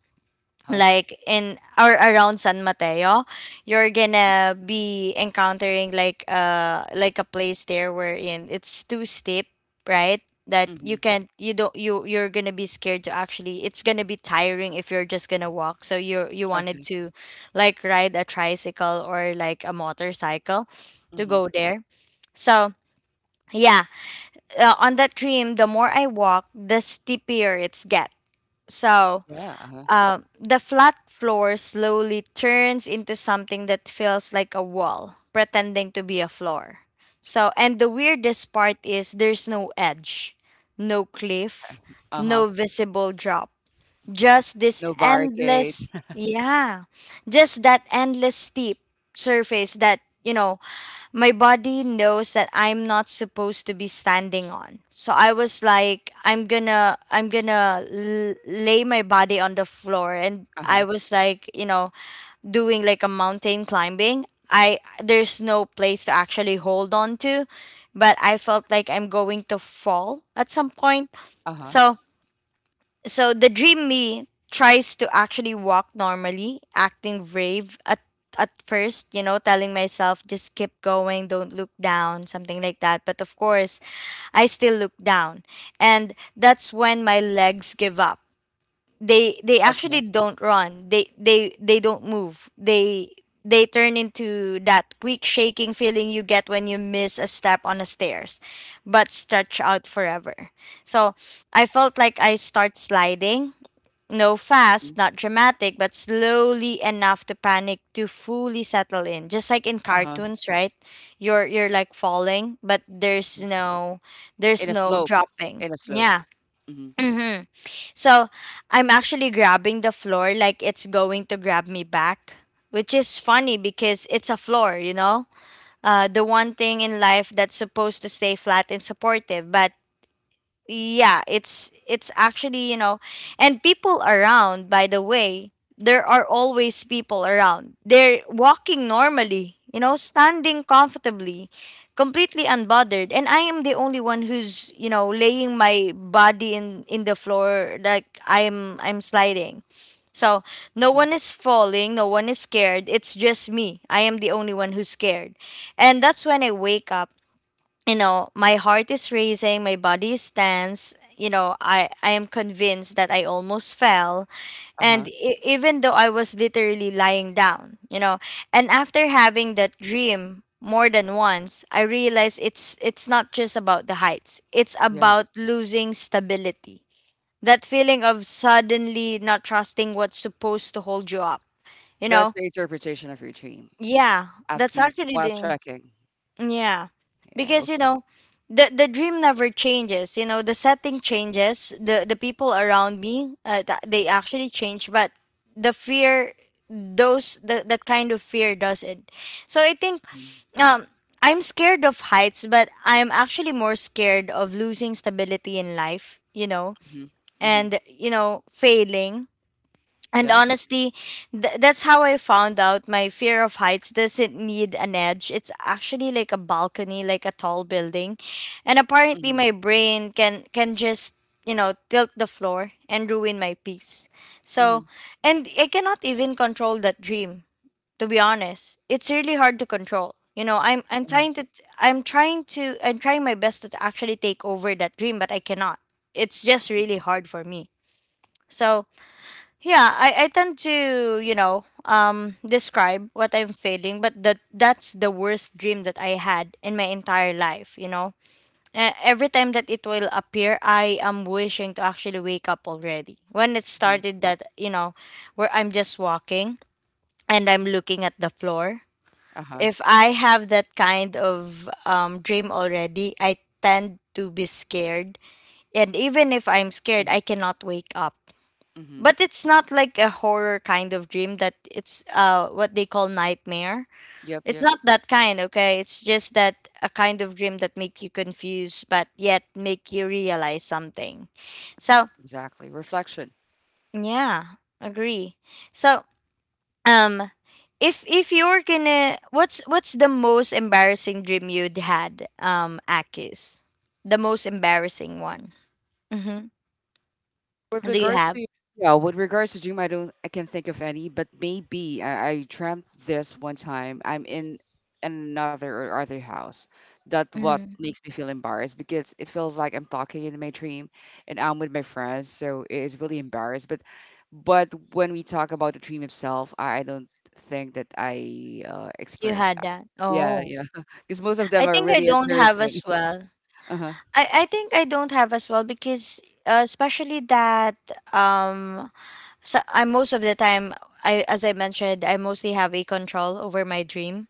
B: Huh.
A: like in or around San Mateo, you're gonna be encountering like a place there wherein it's too steep, right? That you
B: hmm
A: can't you don't you're gonna be scared to actually it's gonna be tiring if you're just gonna walk. So you wanted
B: Okay.
A: to like ride a tricycle or like a motorcycle to
B: hmm
A: go there. So yeah, on that dream, the more I walk, the steeper it's get. So
B: Yeah. Uh-huh.
A: the flat floor slowly turns into something that feels like a wall, pretending to be a floor. So, and the weirdest part is there's no edge, no cliff,
B: Uh-huh.
A: no visible drop, just this
B: No barricades.
A: endless, yeah, just that endless steep surface that you know my body knows that I'm not supposed to be standing on. So I was like, I'm gonna lay my body on the floor, and I
B: Uh-huh.
A: was like, you know, doing like a mountain climbing. I There's no place to actually hold on to, but I felt like I'm going to fall at some point.
B: Uh-huh.
A: So the dream me tries to actually walk normally, acting brave at first, you know, telling myself just keep going, don't look down, something like that. But of course, I still look down. And that's when my legs give up. They
B: Okay.
A: actually don't run, they don't move, they turn into that quick shaking feeling you get when you miss a step on the stairs, but stretch out forever. So I felt like I start sliding, no
B: Mm,
A: fast, not dramatic, but slowly enough to panic to fully settle in, just like in
B: Uh-huh.
A: cartoons, right? You're like falling, but
B: mhm.
A: there's no,
B: In
A: there's
B: a
A: no
B: slope.
A: dropping,
B: In a slope.
A: yeah.
B: Mm-hmm.
A: hmm so I'm actually grabbing the floor like it's going to grab me back, which is funny because it's a floor, you know? The one thing in life that's supposed to stay flat and supportive, but yeah it's actually you know. And people around, by the way, there are always people around. They're walking normally, you know, standing comfortably, completely unbothered, and I am the only one who's, you know, laying my body in the floor, like I'm sliding. So no
B: Mm-hmm.
A: one is falling, no one is scared. It's just me. I am the only one who's scared. And that's when I wake up. You know, my heart is racing, my body is tense, you know, i am convinced that I almost fell.
B: Uh-huh.
A: And even though I was literally lying down, you know. And after having that dream more than once I realized it's not just about the heights, it's
B: Yeah.
A: about losing stability, that feeling of suddenly not trusting what's supposed to hold you up, you
B: That's
A: know.
B: the interpretation of your dream
A: Yeah,
B: after
A: that's
B: you,
A: actually
B: while
A: the,
B: trekking.
A: yeah.
B: Yeah.
A: Because you
B: Okay.
A: know, the dream never changes. You know, the setting changes, the people around me, they actually change, but the fear, that kind of fear doesn't. So I think
B: Mm-hmm.
A: um I'm scared of heights, but I'm actually more scared of losing stability in life, you know,
B: Mm-hmm. mm-hmm,
A: and you know, failing. And
B: Yeah.
A: honestly, that's how I found out my fear of heights doesn't need an edge. It's actually like a balcony, like a tall building. And apparently
B: Mm-hmm.
A: my brain can just, you know, tilt the floor and ruin my peace. So,
B: Mm-hmm.
A: and I cannot even control that dream, to be honest. It's really hard to control. You know,
B: Uh-huh.
A: I'm trying my best to actually take over that dream, but I cannot. It's just
B: Mm-hmm.
A: really hard for me. So, yeah, I tend to, you know, describe what I'm feeling, but that's the worst dream that I had in my entire life, you know. Every time that it will appear, I am wishing to actually wake up already. When it
B: mm-hmm,
A: started that, you know, where I'm just walking and I'm looking at the floor.
B: Uh-huh.
A: If I have that kind of dream already, I tend to be scared. And even if I'm scared, I
B: Mm-hmm.
A: cannot wake up.
B: Mm-hmm.
A: But it's not like a horror kind of dream that it's what they call nightmare.
B: Yep.
A: It's
B: Yep.
A: not that kind, okay? It's just that a kind of dream that make you confused but yet make you realize something. So,
B: Exactly. Reflection.
A: yeah, agree. So, um if you're gonna what's the most embarrassing dream you'd had, Akis? The most embarrassing one. Mm-hmm.
B: With
A: Do you
B: regards
A: have?
B: to yeah, with regards to dream, I don't I can't think of any, but maybe I dreamt this one time. I'm in another or other house. That what
A: Hmm.
B: makes me feel embarrassed because it feels like I'm talking in my dream and I'm with my friends, so it is really embarrassed. But when we talk about the dream itself, I don't think that I
A: You
B: experienced
A: had
B: that.
A: that.
B: Yeah,
A: Oh.
B: yeah, *laughs* because most of them
A: I
B: are
A: think I
B: really a
A: don't
B: serious
A: have as
B: thing.
A: well.
B: *laughs* Uh-huh.
A: I think I don't have as well because especially that, um so I, most of the time, I as I mentioned, I mostly have a control over my dream.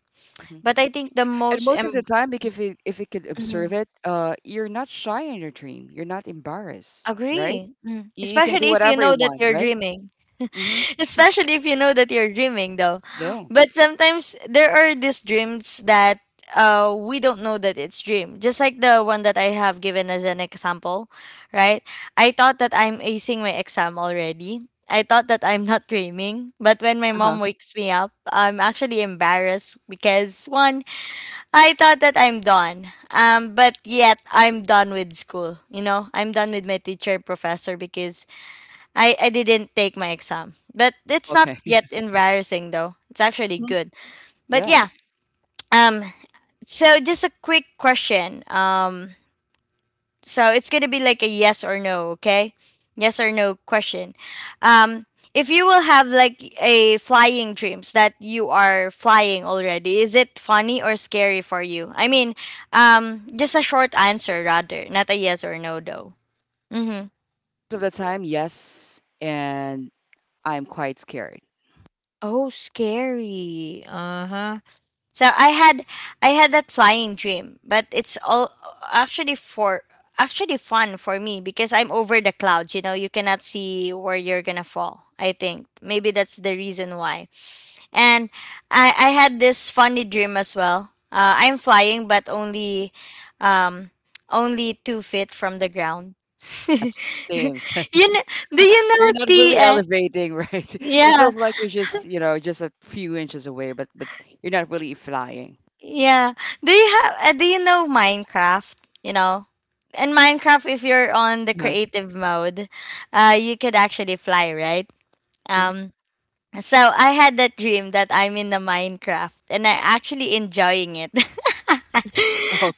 B: Mm-hmm.
A: But I think
B: And most of the time, like if you could observe it, you're not shy in your dream. You're not embarrassed, right?
A: agree. Mm.
B: You can do
A: Especially if you
B: whatever you
A: know that
B: want,
A: you're
B: right?
A: dreaming.
B: Mm-hmm.
A: *laughs* Especially if you know that you're dreaming, though.
B: Yeah.
A: But sometimes there are these dreams that, we don't know that it's dream. Just like the one that I have given as an example, right? I thought that I'm acing my exam already. I thought that I'm not dreaming. But when my
B: Uh-huh.
A: mom wakes me up, I'm actually embarrassed because, one, I thought that I'm done. But yet I'm done with school. You know, I'm done with my teacher professor because I didn't take my exam. But it's not
B: Okay.
A: yet
B: *laughs*
A: embarrassing though. It's actually
B: Mhm.
A: good. But
B: Yeah.
A: yeah. Um so just a quick question. So it's gonna be like a yes or no, okay? Yes or no question. Um, if you will have like a flying dreams that you are flying already, is it funny or scary for you? I mean, just a short answer rather, not a yes or no though. Mm-hmm.
B: Most of the time, yes, and I'm quite scared.
A: Oh, scary. Uh huh. So I had that flying dream, but it's all actually for actually fun for me because I'm over the clouds, you know, you cannot see where you're going to fall. I think maybe that's the reason why. And I had this funny dream as well. I'm flying but only um only 2 feet from the ground. *laughs*
B: Yes, Same. Same.
A: You
B: *laughs*
A: know, do you
B: You're
A: know
B: not
A: the
B: really elevating, right? *laughs* It
A: yeah.
B: feels like you're just, you know, just a few inches away, but you're not really flying.
A: Yeah. Do you have do you know Minecraft, you know? In Minecraft, if you're on the
B: Yeah.
A: creative mode, uh, you could actually fly, right?
B: Mhm.
A: Um so I had that dream that I'm in the Minecraft and I'm actually enjoying it. *laughs*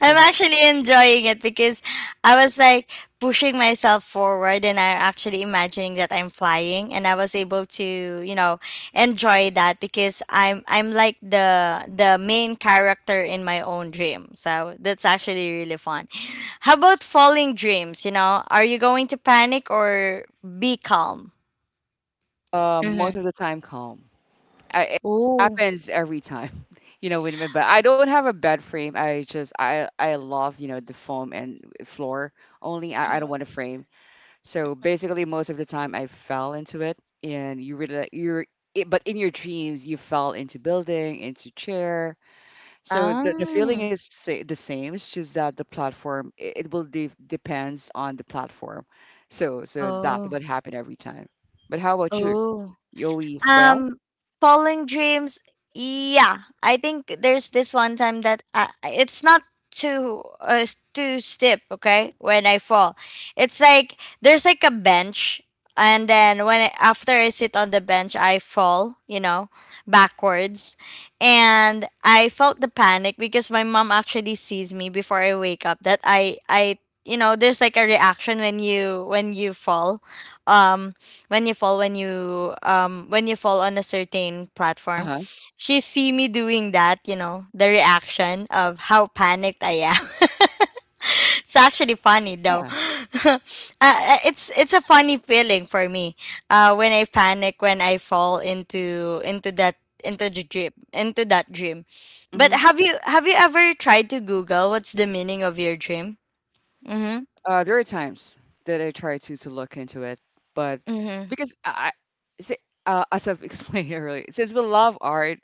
A: I'm actually enjoying it because I was like pushing myself forward, and I'm actually imagining that I'm flying and I was able to, you know, enjoy that because I'm like the main character in my own dream. So that's actually really fun. How about falling dreams, you know? Are you going to panic or be calm?
B: Most
A: Mm-hmm.
B: of the time, calm. I, it
A: Ooh.
B: happens every time, *laughs* you know. With me, but I don't have a bed frame. I just I love you know the foam and floor only. I don't want a frame. So basically, most of the time I fell into it, and you really you're. It, but in your dreams, you fell into building, into chair. So the feeling is
A: 嗯，
B: sa- the same. It's just that the platform it will de- depends on the platform. So so that would
A: 哦
B: happen every time. But how about you?
A: 哦。
B: You always fail?
A: Um, falling dreams. Yeah, I think there's this one time that I, it's not too too steep. Okay, when I fall, it's like there's like a bench, and then when I, after I sit on the bench, I fall. You know, backwards, and I felt the panic because my mom actually sees me before I wake up. That I you know there's like a reaction when you fall, um when you fall on a certain
B: Uh
A: platform.
B: huh.
A: She see me doing that, you know, the reaction of how panicked I am. *laughs* It's actually funny though. *laughs* uh, it's a funny feeling for me, uh, when I panic, when I fall into that into the dream, into that dream. But
B: Yeah.
A: have you ever tried to Google what's the meaning of your dream? Mm-hmm.
B: There are times that I try to look into it, but
A: Mm-hmm.
B: because I- si- as I've *laughs* explained earlier, since we love art,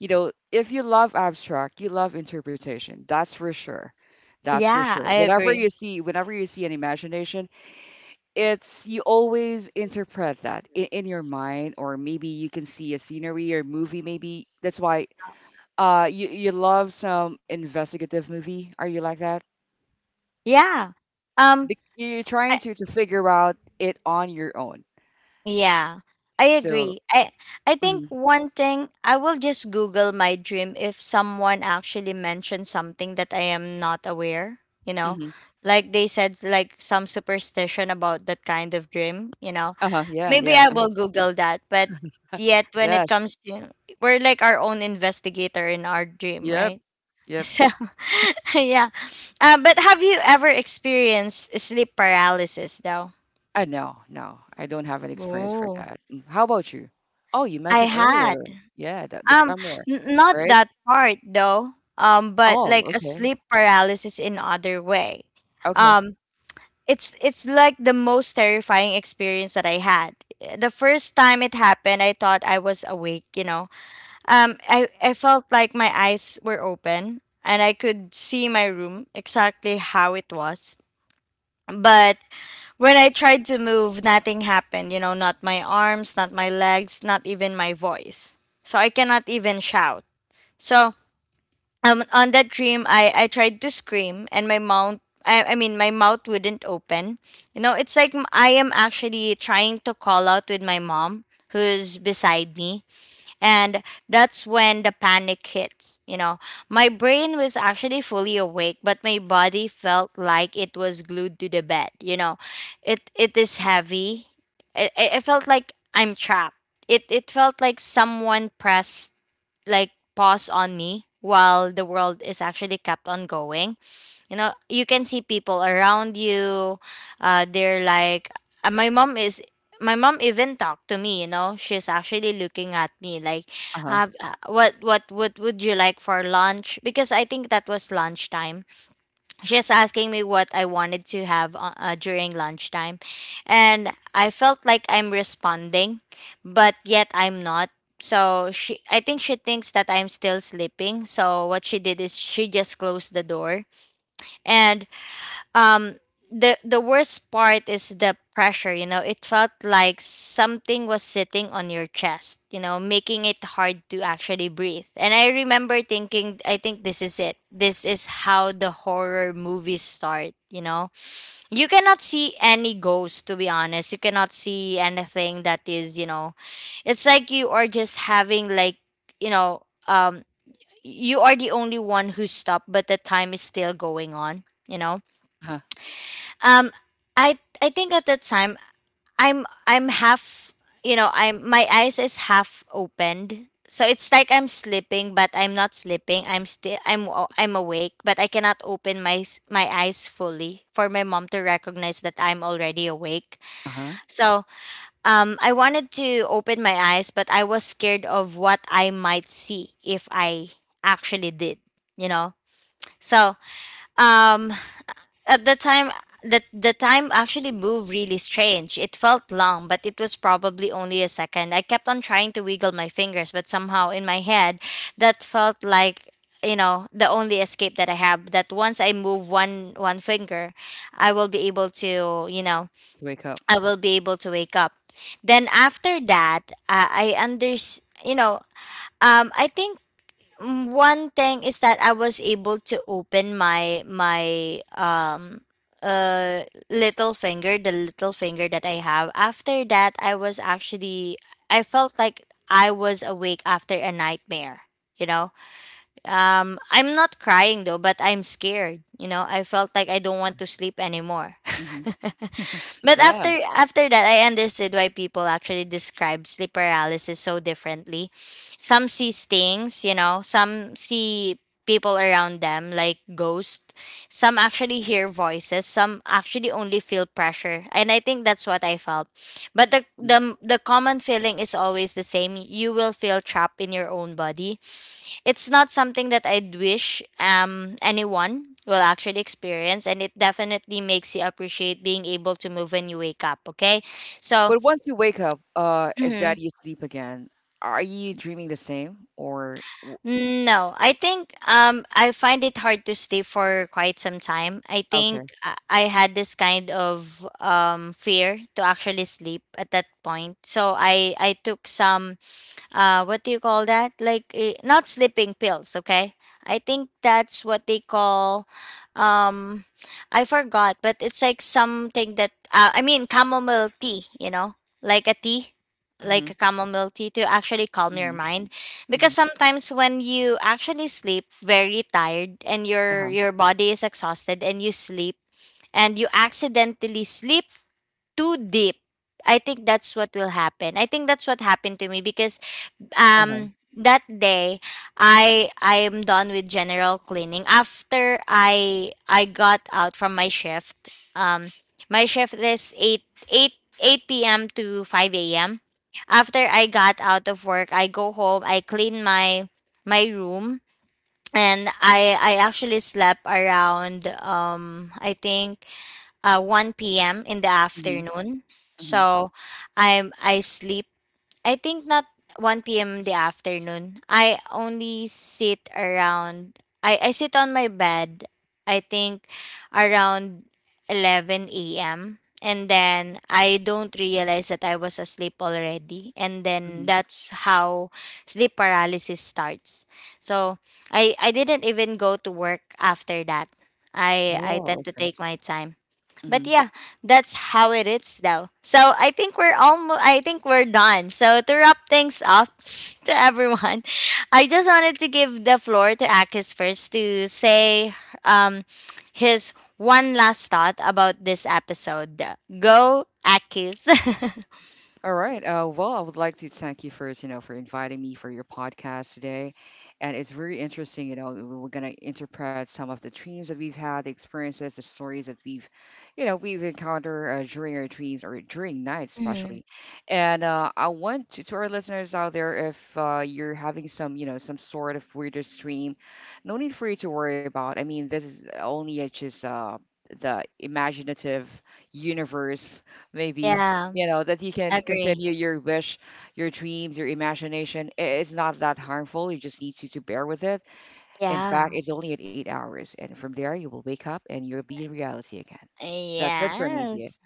B: you know, if you love abstract, you love interpretation. That's for sure. That's for
A: Yeah,
B: sure.
A: I agree.
B: Whenever you see an imagination, it's you always interpret that in your mind, or maybe you can see a scenery or movie. Maybe that's why you love some investigative movie. Are you like that?
A: Yeah. Um,
B: Bec you're trying to figure out it on your own.
A: yeah, I
B: So
A: agree. I think
B: mhm,
A: one thing, I will just Google my dream if someone actually mentioned something that I am not aware, you know.
B: mhm.
A: Like they said like some superstition about that kind of dream, you know.
B: Uh-huh, yeah,
A: Maybe
B: yeah.
A: I will Google that, but yet when
B: Yeah,
A: it
B: sh
A: comes to, we're like our own investigator in our dream,
B: yep,
A: right?
B: yep.
A: *laughs* So *laughs* yeah. But have you ever experienced sleep paralysis though?
B: I no, no, I don't have an experience for
A: Oh,
B: that. Mm, How about you? Oh, you
A: I
B: mentioned earlier.
A: had.
B: Yeah, the
A: Um,
B: camera,
A: n- not
B: right?
A: that part though. But
B: Oh,
A: like a
B: okay.
A: sleep paralysis in other way.
B: Okay.
A: Um, it's like the most terrifying experience that I had. The first time it happened, I thought I was awake, you know. I felt like my eyes were open and I could see my room exactly how it was. But when I tried to move, nothing happened, you know, not my arms, not my legs, not even my voice. So I cannot even shout. So, on that dream, I tried to scream and I mean my mouth wouldn't open, you know, I am actually trying to call out with my mom who's beside me, and that's when the panic hits, you know. My brain was actually fully awake, but my body felt like it was glued to the bed, you know. It is heavy. It it felt like I'm trapped. It felt like someone pressed, like, pause on me while the world is actually kept on going. You know, you can see people around you. They're like my mom is, my mom even talked to me, you know. She's actually looking at me like,
B: Uh-huh.
A: have what would you like for lunch, because I think that was lunchtime. She's asking me what I wanted to have, during lunchtime. And I felt like I'm responding, but yet I'm not. So she, I think she thinks that I'm still sleeping, so what she did is she just closed the door. And um the worst part is the pressure, you know. It felt like something was sitting on your chest, you know, making it hard to actually breathe. And I remember thinking, I think this is it. This is how the horror movies start, you know. You cannot see any ghosts, to be honest. You cannot see anything that is, you know, it's like you are just having like, you know, um you are the only one who's stopped, but the time is still going on, you know.
B: Uh-huh.
A: Um, I I think at that time I'm half, you know, I'm, my eyes is half opened, so it's like I'm sleeping, but I'm not sleeping. I'm awake, but I cannot open my eyes fully for my mom to recognize that I'm already awake.
B: Uh-huh.
A: So, I wanted to open my eyes, but I was scared of what I might see if I actually did. You know, so, um at the time actually moved really strange. It felt long, but it was probably only a second. I kept on trying to wiggle my fingers, but somehow in my head, that felt like, you know, the only escape that I have, that once I move one finger, I will be able to, you know,
B: You wake up.
A: I will be able to wake up. Then after that, I under you know, I think, mm, one thing is that I was able to open my my uh little finger, the little finger that I have. After that, I felt like I was awake after a nightmare, you know? I'm not crying though, but I'm scared. You know, I felt like I don't want to sleep anymore.
B: Hmm
A: *laughs* But after
B: Yeah.
A: after that, I understood why people actually describe sleep paralysis so differently. Some see things, you know, some see people around them like ghosts. Some actually hear voices, some actually only feel pressure. And I think that's what I felt. But the
B: Mm.
A: the the common feeling is always the same. You will feel trapped in your own body. It's not something that I'd wish anyone will actually experience, and it definitely makes you appreciate being able to move when you wake up, okay? So,
B: But once you wake up, is that
A: mhm.
B: you sleep again? Are you dreaming the same or w-
A: No, I think, I find it hard to stay for quite some time. I think
B: okay.
A: I had this kind of fear to actually sleep at that point. So, I took some, uh, what do you call that, like, eh, not sleeping pills, okay. I think that's what they call, um I forgot, but it's like something that, chamomile tea, you know, like a tea
B: Mm-hmm.
A: like a chamomile tea, to actually calm your
B: Mm-hmm.
A: mind. Because
B: Mm-hmm.
A: sometimes when you actually sleep very tired and
B: Uh-huh.
A: your body is exhausted and you sleep, and you accidentally sleep too deep, I think that's what will happen. I think that's what happened to me because,
B: Uh-huh.
A: that day, I I'm done with general cleaning after I got out from my shift. um my shift is eight eight p.m to 5 a.m. After I got out of work, I go home, I clean my my room, and I actually slept around, I think 1 p.m in the
B: mhm.
A: afternoon.
B: Mhm,
A: So I'm I sleep I think not 1 p.m. the afternoon. I only sit around, I sit on my bed, I think around 11 a.m. And then I don't realize that I was asleep already, and then
B: mhm.
A: that's how sleep paralysis starts. So I didn't even go to work after that. I
B: Oh,
A: tend to
B: okay.
A: take my time. But
B: Mhm.
A: yeah, that's how it is though. So I think we're almost, I think we're done. So to wrap things up, *laughs* to everyone, I just wanted to give the floor to Akis first to say, um his one last thought about this episode. Go Akis. *laughs*
B: All right. Well, I would like to thank you first, you know, for inviting me for your podcast today. And it's very interesting, you know, we- we're going to interpret some of the dreams that we've had, the experiences, the stories that we've, you know, we've encountered during our dreams or during nights,
A: Mhm.
B: especially. And I want to our listeners out there, if you're having some, you know, some sort of weirdest dream, no need for you to worry about. I mean, this is only just the imaginative universe maybe
A: Yeah,
B: you know that you can
A: agree.
B: continue your wish your dreams your imagination I- it's not that harmful you just need to bear with it in fact
A: Yeah.
B: it's only at 8 hours and from there you will wake up and you'll be in reality again that's it from me
A: Yes.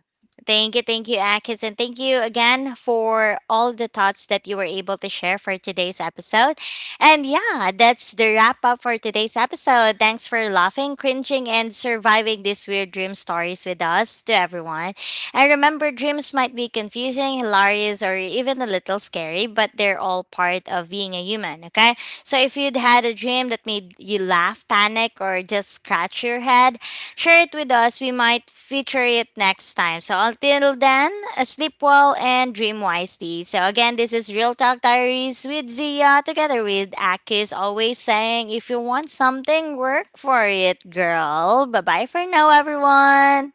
A: Thank you, Akis, and thank you again for all the thoughts that you were able to share for today's episode. And yeah, that's the wrap up for today's episode. Thanks for laughing, cringing, and surviving these weird dream stories with us, to everyone. And remember, dreams might be confusing, hilarious, or even a little scary, but they're all part of being a human, okay? So if you'd had a dream that made you laugh, panic, or just scratch your head, share it with us. We might feature it next time. So until then, sleep well and dream wisely. So again, this is Real Talk Diaries with Zia together with Akis, always saying, if you want something, work for it, girl. Bye bye for now, everyone.